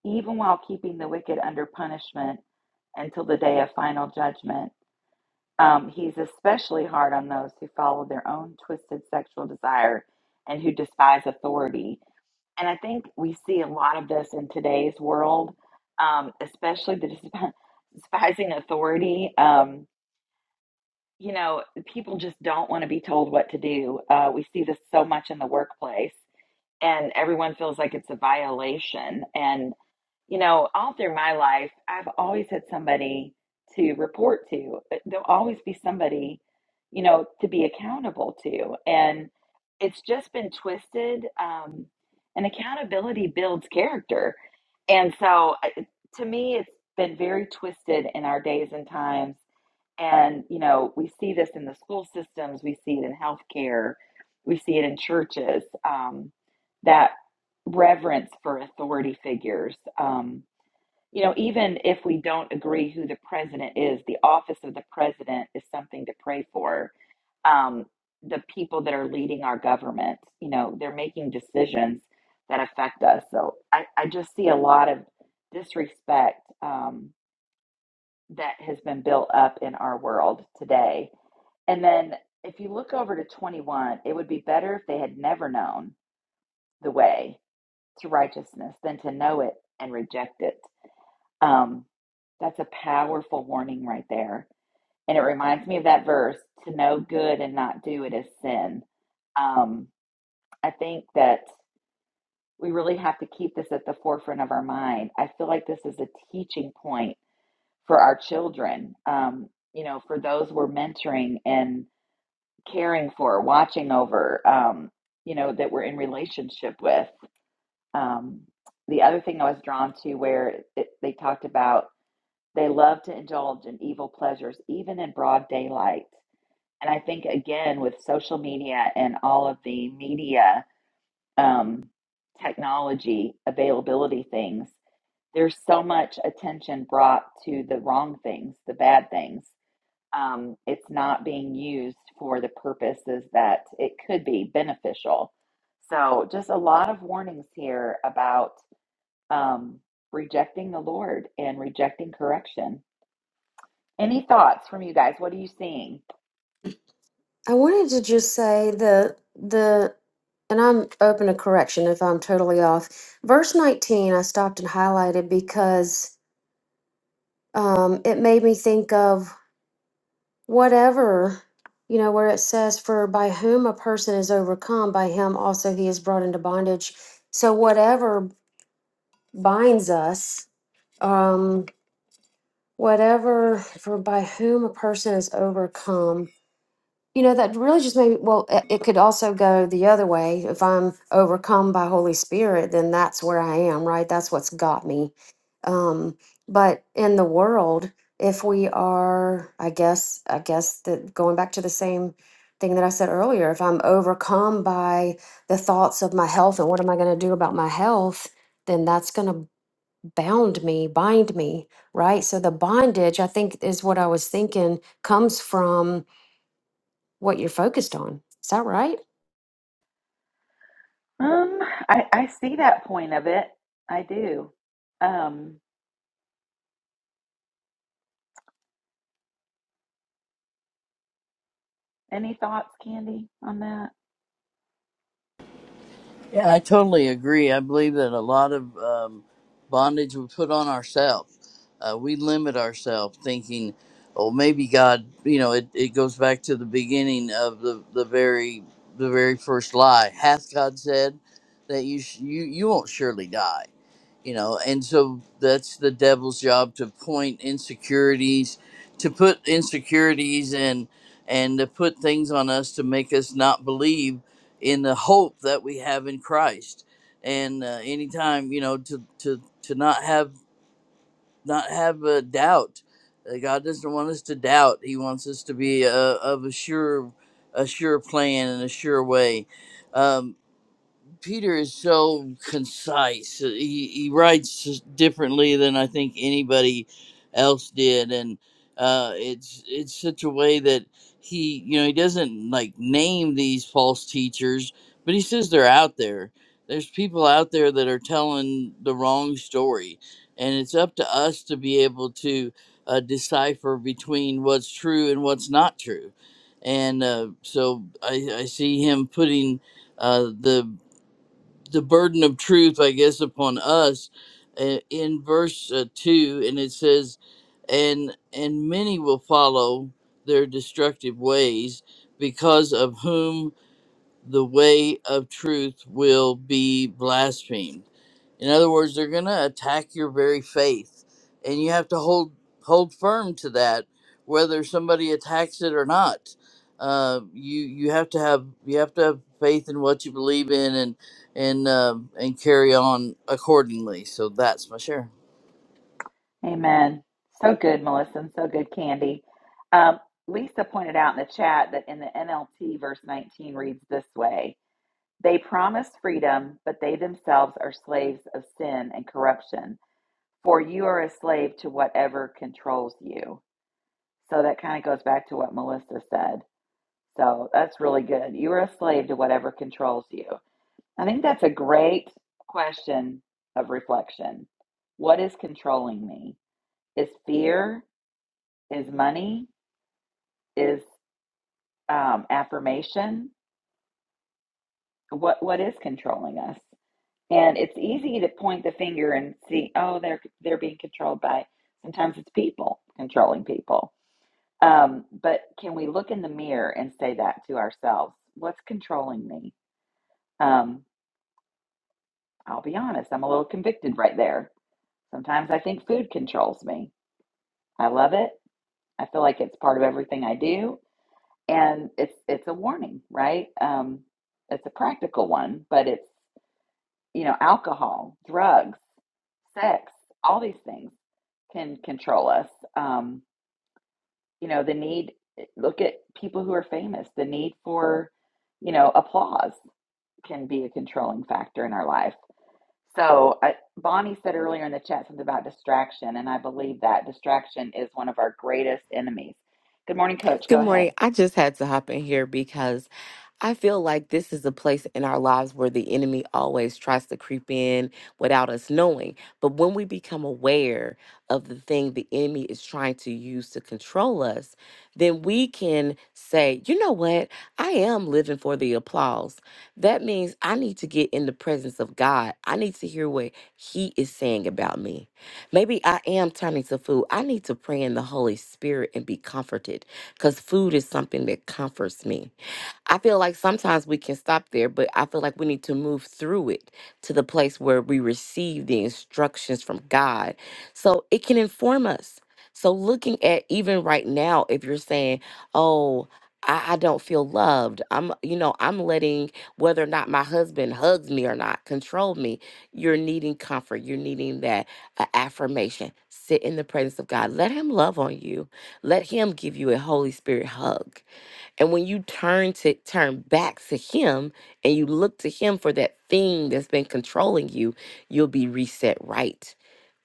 A: even while keeping the wicked under punishment until the day of final judgment. Um, he's especially hard on those who follow their own twisted sexual desire and who despise authority. And I think we see a lot of this in today's world, um, especially the desp- despising authority. Um, you know, people just don't want to be told what to do. Uh, we see this so much in the workplace, and everyone feels like it's a violation. And you know, all through my life, I've always had somebody to report to. Uh, There'll always be somebody, you know, to be accountable to. And it's just been twisted. Um, and accountability builds character. And so I- to me, it's been very twisted in our days and times and, you know, we see this in the school systems, we see it in healthcare, we see it in churches, um, that reverence for authority figures. Um, you know, even if we don't agree who the president is, the office of the president is something to pray for. Um, the people that are leading our government, you know, they're making decisions that affect us. So I, I just see a lot of disrespect. Um, that has been built up in our world today. And then if you look over to 21, it would be better if they had never known the way to righteousness than to know it and reject it. Um, that's a powerful warning right there. And it reminds me of that verse to know good and not do it is sin. Um, I think that we really have to keep this at the forefront of our mind. I feel like this is a teaching point for our children, um, you know, for those we're mentoring and caring for, watching over, um, you know, that we're in relationship with. Um, the other thing I was drawn to where it, they talked about they love to indulge in evil pleasures, even in broad daylight. And I think, again, with social media and all of the media um, technology availability things, there's so much attention brought to the wrong things, the bad things um, it's not being used for the purposes that it could be beneficial. So, just a lot of warnings here about um, rejecting the Lord and rejecting correction. Any thoughts from you guys? What are you seeing?
F: I wanted to just say the the and I'm open to correction if I'm totally off. Verse 19 I stopped and highlighted because um it made me think of whatever you know where it says for by whom a person is overcome by him also he is brought into bondage. So whatever binds us um whatever for by whom a person is overcome You know, that really just made me, well, it, it could also go the other way. If I'm overcome by Holy Spirit, then that's where I am, right? That's what's got me. Um, but in the world, if we are, I guess, I guess that going back to the same thing that I said earlier, if I'm overcome by the thoughts of my health and what am I going to do about my health, then that's going to bound me, bind me, right? So the bondage, I think, is what I was thinking comes from what you're focused on. Is that right?
A: Um, I, I see that point of it. I do. Um, any thoughts, Candy, on that?
E: Yeah, I totally agree. I believe that a lot of um, bondage we put on ourselves. Uh, we limit ourselves thinking, oh, maybe God, you know, it, it goes back to the beginning of the, the very the very first lie. Hath God said that you sh- you you won't surely die, you know? And so that's the devil's job to point insecurities, to put insecurities and and to put things on us to make us not believe in the hope that we have in Christ. And uh, anytime you know to to to not have not have a doubt, uh, God doesn't want us to doubt. He wants us to be uh, of a sure a sure plan and a sure way. Um, Peter is so concise. He he writes just differently than I think anybody else did, and uh, it's it's such a way that he you know he doesn't like name these false teachers, but he says they're out there. There's people out there that are telling the wrong story, and it's up to us to be able to uh, decipher between what's true and what's not true. And uh, so I, I see him putting uh, the the burden of truth, I guess, upon us uh, in verse uh, two, and it says, "and and many will follow their destructive ways, because of whom." the way of truth will be blasphemed. In other words, they're going to attack your very faith, and you have to hold hold firm to that, whether somebody attacks it or not. Uh, you you have to have you have to have faith in what you believe in, and and um and carry on accordingly. So that's my share.
A: Amen. So good, Melissa, and so good, Candy. Um, Lisa pointed out in the chat that in the NLT, verse 19 reads this way They promise freedom, but they themselves are slaves of sin and corruption. For you are a slave to whatever controls you. So that kind of goes back to what Melissa said. So that's really good. You are a slave to whatever controls you. I think that's a great question of reflection. What is controlling me? Is fear? Is money? Is um, affirmation? What What is controlling us? And it's easy to point the finger and see, oh, they're they're being controlled by. Sometimes it's people controlling people. Um, but can we look in the mirror and say that to ourselves? What's controlling me? Um, I'll be honest, I'm a little convicted right there. Sometimes I think food controls me. I love it. I feel like it's part of everything I do, and it's it's a warning, right? Um, it's a practical one, but it's you know alcohol, drugs, sex, all these things can control us. Um, you know, the need, eh, look at people who are famous, the need for, you know, applause can be a controlling factor in our life. So, I, Bonnie said earlier in the chat something about distraction, and I believe that distraction is one of our greatest enemies. Good morning, Coach.
H: Good
A: Go
H: morning.
A: ahead.
H: I just had to hop in here because I feel like this is a place in our lives where the enemy always tries to creep in without us knowing. But when we become aware of the thing the enemy is trying to use to control us, then we can say, you know what? I am living for the applause. That means I need to get in the presence of God. I need to hear what He is saying about me. Maybe I am turning to food. I need to pray in the Holy Spirit and be comforted because food is something that comforts me. I feel like sometimes we can stop there, but I feel like we need to move through it to the place where we receive the instructions from God so it can inform us. So, looking at even right now, if you're saying, Oh, I, I don't feel loved, I'm, you know, I'm letting whether or not my husband hugs me or not control me, you're needing comfort, you're needing that uh, affirmation. Sit in the presence of God, let Him love on you, let Him give you a Holy Spirit hug and when you turn to turn back to him and you look to him for that thing that's been controlling you, you'll be reset right.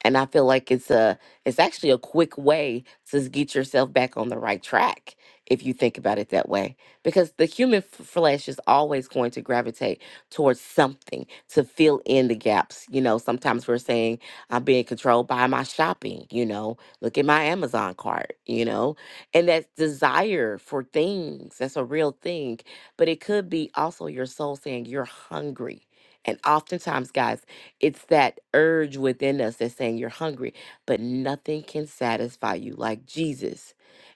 H: And I feel like it's a it's actually a quick way to s- get yourself back on the right track if you think about it that way. Because the human f- flesh is always going to gravitate towards something to fill in the gaps. You know, sometimes we're saying I'm being controlled by my shopping, you know, look at my Amazon cart, you know and that desire for things, that's a real thing. But it could be also your soul saying you're hungry. And oftentimes, guys, it's that urge within us that's saying you're hungry, but nothing can satisfy you like Jesus.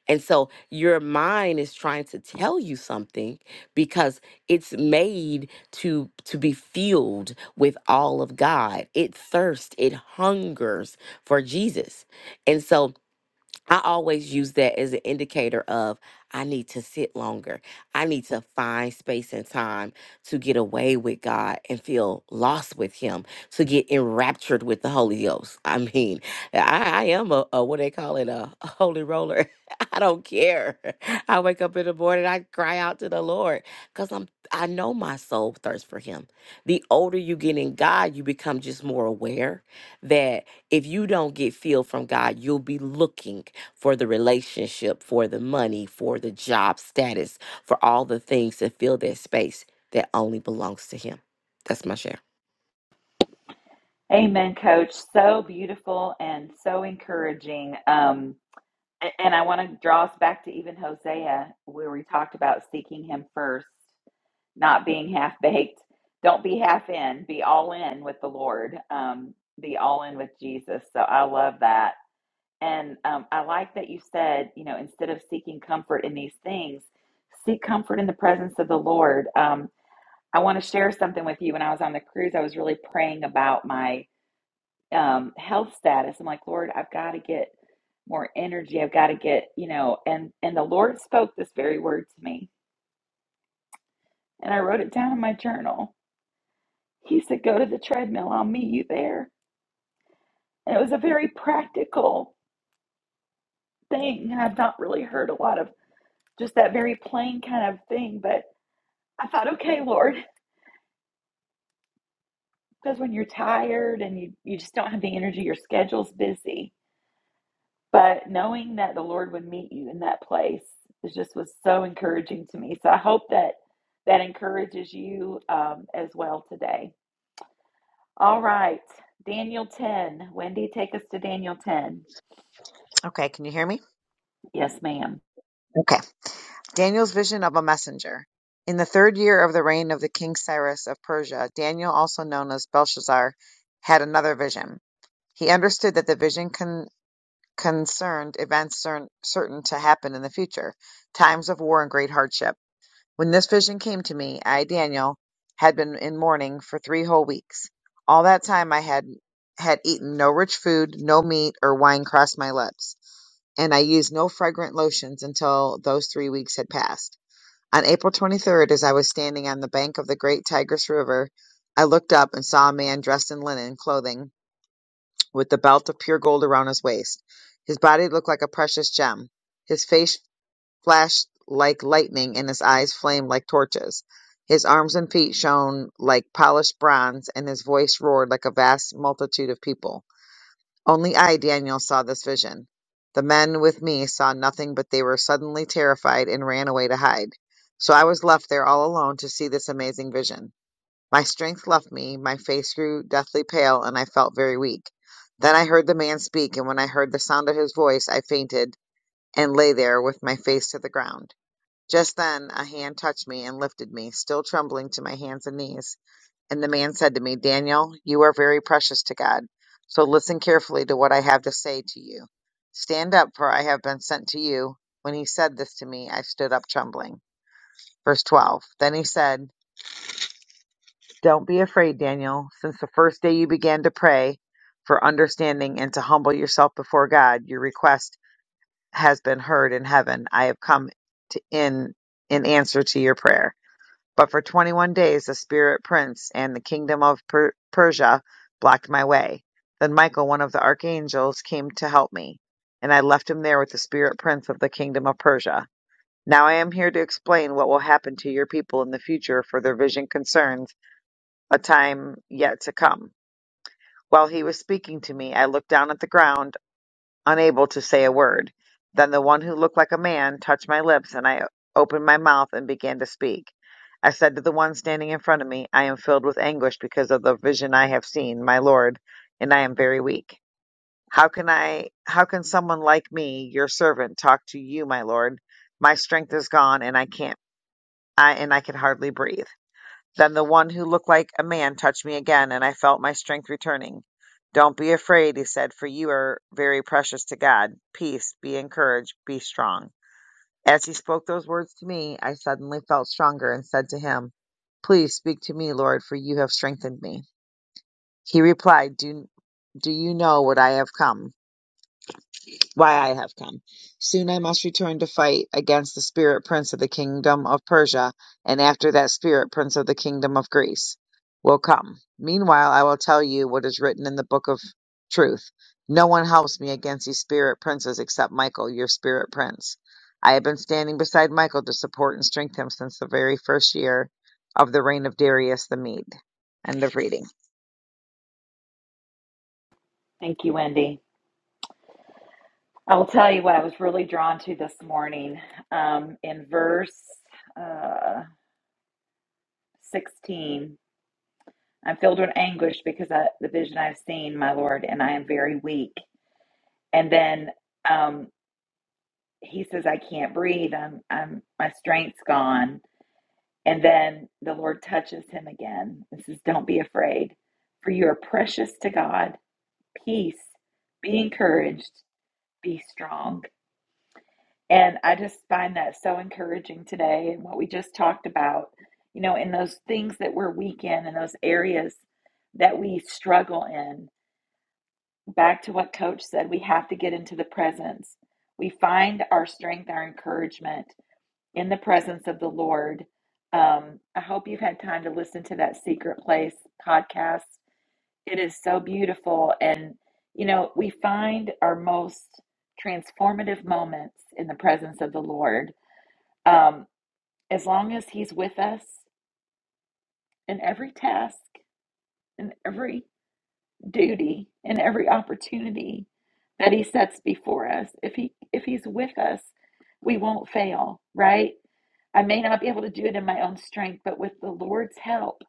H: And so your mind is trying to tell you something because it's made to to be filled with all of God. It thirsts, it hungers for Jesus. And so I always use that as an indicator of I need to sit longer. I need to find space and time to get away with God and feel lost with Him, to get enraptured with the Holy Ghost. I mean, I, I am a, a what they call it a, a holy roller. I don't care. I wake up in the morning, I cry out to the Lord because I'm I know my soul thirsts for Him. The older you get in God, you become just more aware that if you don't get filled from God, you'll be looking for the relationship, for the money, for the job status, for all the things that fill that space that only belongs to Him. That's my share.
A: Amen, Coach. So beautiful and so encouraging. Um, a- and I want to draw us back to even Hosea, where we talked about seeking him first not being half baked. Don't be half in, be all in with the Lord, um, be all in with Jesus. So I love that. And um, I like that you said, you know, instead of seeking comfort in these things, seek comfort in the presence of the Lord. Um, I want to share something with you. When I was on the cruise, I was really praying about my um, health status. I'm like, Lord, I've got to get more energy. I've got to get, you know, and and the Lord spoke this very word to me, and I wrote it down in my journal. He said, Go to the treadmill, I'll meet you there. And it was a very practical thing. And I've not really heard a lot of just that very plain kind of thing. But I thought, okay, Lord, because when you're tired and you, you just don't have the energy, your schedule's busy. But knowing that the Lord would meet you in that place it just was so encouraging to me. So I hope that that encourages you um, as well today. All right, Daniel 10. Wendy, take us to Daniel 10.
I: Okay, can you hear me?
A: Yes, ma'am.
I: Okay. Daniel's vision of a messenger. In the third year of the reign of the king Cyrus of Persia, Daniel, also known as Belshazzar, had another vision. He understood that the vision con- concerned events cer- certain to happen in the future, times of war and great hardship. When this vision came to me, I, Daniel, had been in mourning for three whole weeks. All that time I had had eaten no rich food, no meat or wine crossed my lips. and I used no fragrant lotions until those three weeks had passed. On April 23rd, as I was standing on the bank of the great Tigris River, I looked up and saw a man dressed in linen clothing with the belt of pure gold around his waist. His body looked like a precious gem. His face flashed like lightning and his eyes flamed like torches. His arms and feet shone like polished bronze and his voice roared like a vast multitude of people. Only I, Daniel, saw this vision. The men with me saw nothing, but they were suddenly terrified and ran away to hide. So I was left there all alone to see this amazing vision. My strength left me, my face grew deathly pale, and I felt very weak. Then I heard the man speak, and when I heard the sound of his voice, I fainted and lay there with my face to the ground. Just then a hand touched me and lifted me, still trembling, to my hands and knees. And the man said to me, Daniel, you are very precious to God. So listen carefully to what I have to say to you. Stand up, for I have been sent to you. When he said this to me, I stood up trembling. Verse 12. Then he said, Don't be afraid, Daniel. Since the first day you began to pray for understanding and to humble yourself before God, your request has been heard in heaven. I have come to in in answer to your prayer. But for twenty-one days the spirit prince and the kingdom of per- Persia blocked my way. Then Michael, one of the archangels, came to help me, and I left him there with the spirit prince of the kingdom of Persia. Now I am here to explain what will happen to your people in the future, for their vision concerns a time yet to come. While he was speaking to me, I looked down at the ground unable to say a word. Then the one who looked like a man touched my lips, and I opened my mouth and began to speak. I said to the one standing in front of me, I am filled with anguish because of the vision I have seen, my lord, and I am very weak. How can I how can someone like me, your servant, talk to you, my lord? My strength is gone and I can't I and I can hardly breathe. Then the one who looked like a man touched me again, and I felt my strength returning. Don't be afraid, he said, for you are very precious to God. Peace, be encouraged, be strong. As he spoke those words to me, I suddenly felt stronger and said to him, Please speak to me, Lord, for you have strengthened me. He replied, Do, do you know what I have come? why I have come. Soon I must return to fight against the spirit prince of the kingdom of Persia, and after that spirit prince of the kingdom of Greece will come. Meanwhile, I will tell you what is written in the book of truth. No one helps me against these spirit princes except Michael, your spirit prince. I have been standing beside Michael to support and strengthen him since the very first year of the reign of Darius the Mede. End of reading.
A: Thank you, Wendy. I'll tell you what I was really drawn to this morning. Um, in verse uh, 16, I'm filled with anguish because of the vision I've seen, my Lord, and I am very weak. And then um, he says, I can't breathe. I'm, I'm, my strength's gone. And then the Lord touches him again and says, Don't be afraid, for you are precious to God. Peace, be encouraged, be strong. And I just find that so encouraging today and what we just talked about, you know, in those things that we're weak in and those areas that we struggle in. Back to what coach said, we have to get into the presence. We find our strength, our encouragement in the presence of the Lord. Um, I hope you've had time to listen to that Secret Place podcast. It is so beautiful. And, you know, we find our most transformative moments in the presence of the Lord um, as long as He's with us in every task, in every duty, in every opportunity that He sets before us, if He if He's with us, we won't fail, right? I may not be able to do it in my own strength, but with the Lord's help,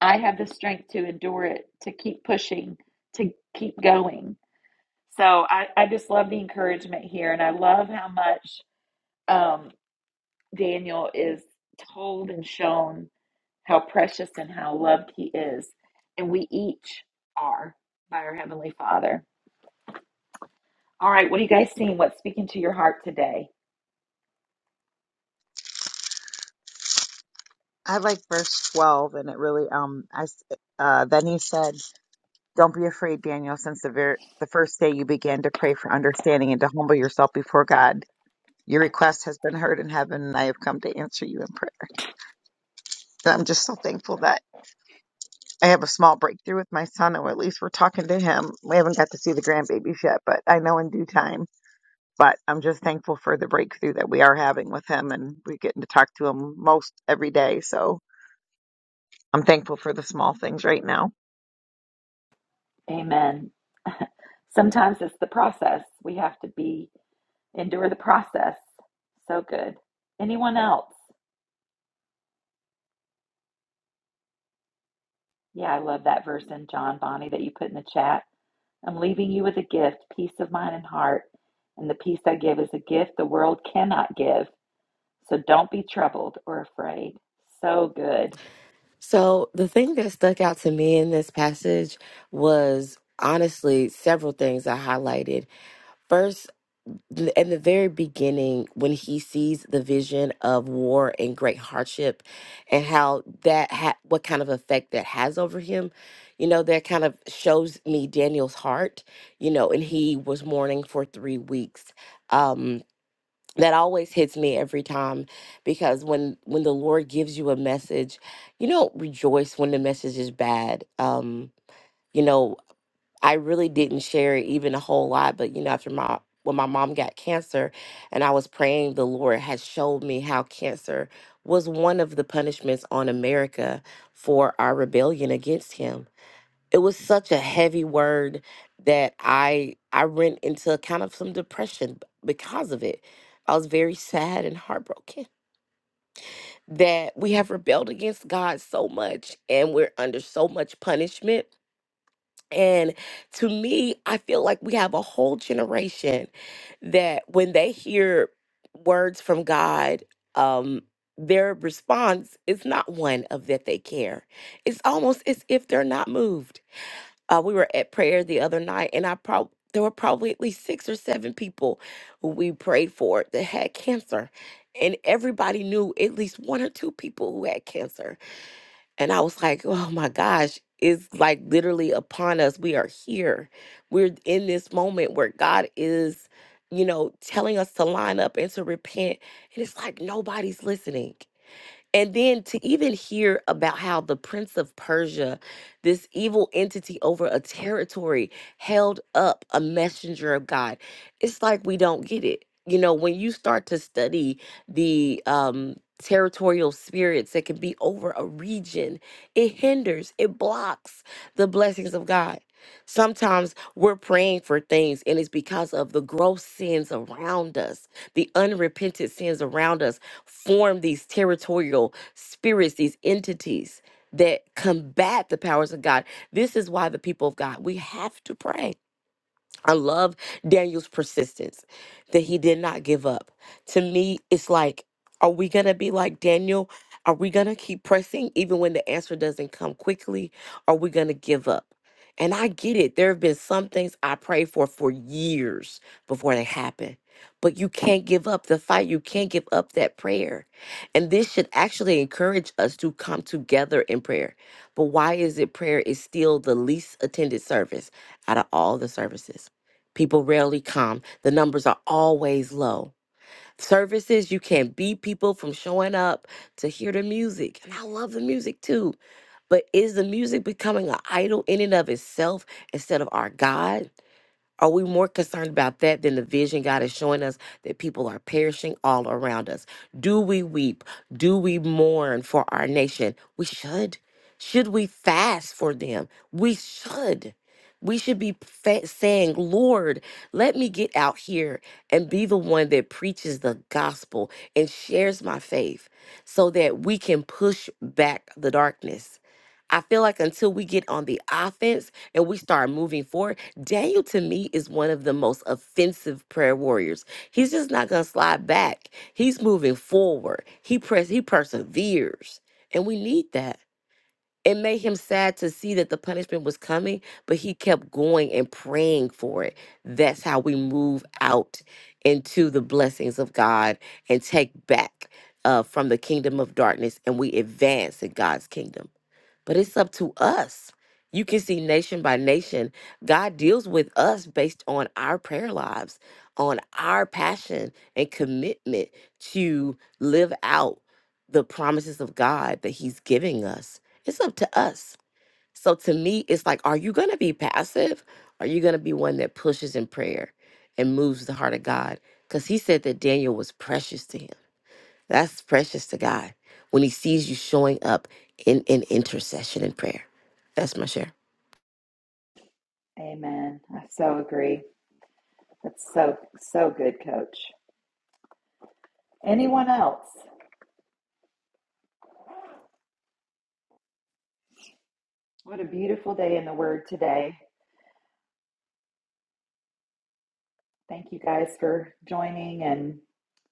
A: I have the strength to endure it, to keep pushing, to keep going. So I, I just love the encouragement here, and I love how much um, Daniel is told and shown how precious and how loved he is. And we each are by our Heavenly Father. All right, what are you guys seeing? What's speaking to your heart today?
I: I like verse 12, and it really, um, I, s- uh, then he said, Don't be afraid, Daniel, since the ver- the first day you began to pray for understanding and to humble yourself before God. Your request has been heard in heaven, and I have come to answer you in prayer. And I'm just so thankful that I have a small breakthrough with my son, or at least we're talking to him. We haven't got to see the grandbabies yet, but I know in due time. But I'm just thankful for the breakthrough that we are having with him, and we're getting to talk to him most every day. So I'm thankful for the small things right now.
A: Amen. Sometimes it's the process. We have to be, endure the process. So good. Anyone else? Yeah, I love that verse in John Bonnie that you put in the chat. I'm leaving you with a gift, peace of mind and heart. And the peace I give is a gift the world cannot give. So don't be troubled or afraid. So good.
H: So, the thing that stuck out to me in this passage was honestly several things I highlighted. First, th- in the very beginning when he sees the vision of war and great hardship and how that ha- what kind of effect that has over him you know that kind of shows me daniel's heart you know and he was mourning for three weeks um that always hits me every time because when when the lord gives you a message you don't rejoice when the message is bad um you know I really didn't share it even a whole lot, but you know, after my when my mom got cancer and I was praying, the Lord had showed me how cancer was one of the punishments on America for our rebellion against him. It was such a heavy word that I I went into kind of some depression b- because of it. I was very sad and heartbroken that we have rebelled against God so much and we're under so much punishment and to me, I feel like we have a whole generation that when they hear words from God, um, their response is not one of that they care. It's almost as if they're not moved. Uh, we were at prayer the other night, and I probably there were probably at least six or seven people who we prayed for that had cancer, and everybody knew at least one or two people who had cancer and I was like, oh my gosh, it's like literally upon us. We are here. We're in this moment where God is, you know, telling us to line up and to repent. And it's like nobody's listening. And then to even hear about how the Prince of Persia, this evil entity over a territory, held up a messenger of God, it's like we don't get it. You know, when you start to study the um, territorial spirits that can be over a region, it hinders, it blocks the blessings of God. Sometimes we're praying for things, and it's because of the gross sins around us, the unrepented sins around us form these territorial spirits, these entities that combat the powers of God. This is why the people of God, we have to pray. I love Daniel's persistence that he did not give up. To me, it's like, are we going to be like Daniel? Are we going to keep pressing even when the answer doesn't come quickly? Are we going to give up? And I get it. There have been some things I prayed for for years before they happen. But you can't give up the fight. You can't give up that prayer. And this should actually encourage us to come together in prayer. But why is it prayer is still the least attended service out of all the services? People rarely come. The numbers are always low. Services, you can beat people from showing up to hear the music. And I love the music too. But is the music becoming an idol in and of itself instead of our God? Are we more concerned about that than the vision God is showing us that people are perishing all around us? Do we weep? Do we mourn for our nation? We should. Should we fast for them? We should. We should be fa- saying, Lord, let me get out here and be the one that preaches the gospel and shares my faith so that we can push back the darkness. I feel like until we get on the offense and we start moving forward, Daniel to me is one of the most offensive prayer warriors. He's just not going to slide back. He's moving forward. He press he perseveres. And we need that. It made him sad to see that the punishment was coming, but he kept going and praying for it. That's how we move out into the blessings of God and take back uh, from the kingdom of darkness and we advance in God's kingdom but it's up to us. You can see nation by nation, God deals with us based on our prayer lives, on our passion and commitment to live out the promises of God that He's giving us. It's up to us. So to me, it's like, are you going to be passive? Are you going to be one that pushes in prayer and moves the heart of God? Because He said that Daniel was precious to Him. That's precious to God when He sees you showing up in, in intercession and prayer. That's my share.
A: Amen. I so agree. That's so, so good, coach. Anyone else? What a beautiful day in the Word today. Thank you guys for joining and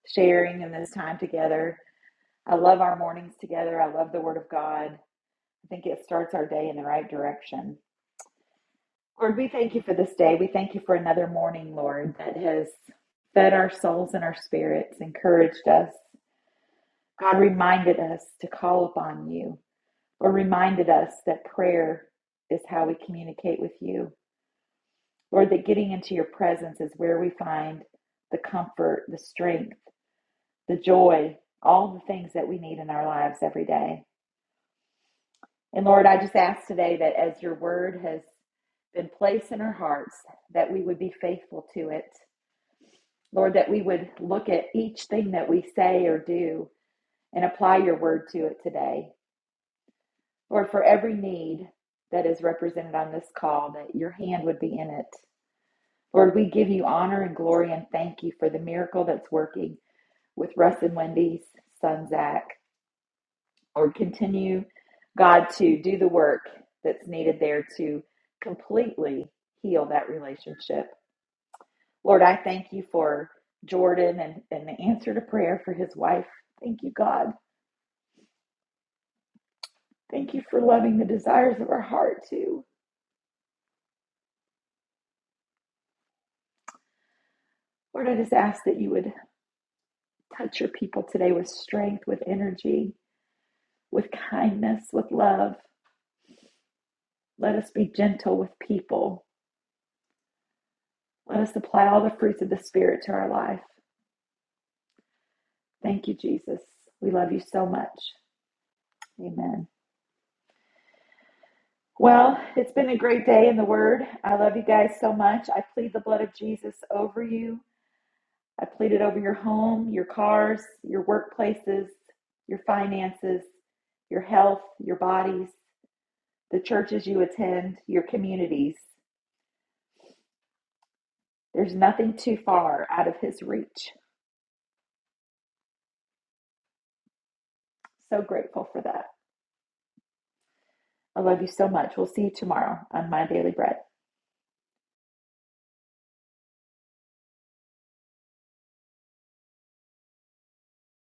A: sharing in this time together. I love our mornings together. I love the Word of God. I think it starts our day in the right direction. Lord, we thank you for this day. We thank you for another morning, Lord, that has fed our souls and our spirits, encouraged us. God reminded us to call upon you. or reminded us that prayer is how we communicate with you. Lord, that getting into your presence is where we find the comfort, the strength, the joy, all the things that we need in our lives every day. And Lord, I just ask today that as your word has been placed in our hearts, that we would be faithful to it. Lord, that we would look at each thing that we say or do and apply your word to it today. Lord, for every need that is represented on this call, that your hand would be in it. Lord, we give you honor and glory and thank you for the miracle that's working with Russ and Wendy's son, Zach. Lord, continue, God, to do the work that's needed there to completely heal that relationship. Lord, I thank you for Jordan and, and the answer to prayer for his wife. Thank you, God. Thank you for loving the desires of our heart, too. Lord, I just ask that you would Touch your people today with strength, with energy, with kindness, with love. Let us be gentle with people. Let us apply all the fruits of the Spirit to our life. Thank you, Jesus. We love you so much. Amen. Well, it's been a great day in the Word. I love you guys so much. I plead the blood of Jesus over you. I plead it over your home, your cars, your workplaces, your finances, your health, your bodies, the churches you attend, your communities. There's nothing too far out of his reach. So grateful for that. I love you so much. We'll see you tomorrow on My Daily Bread.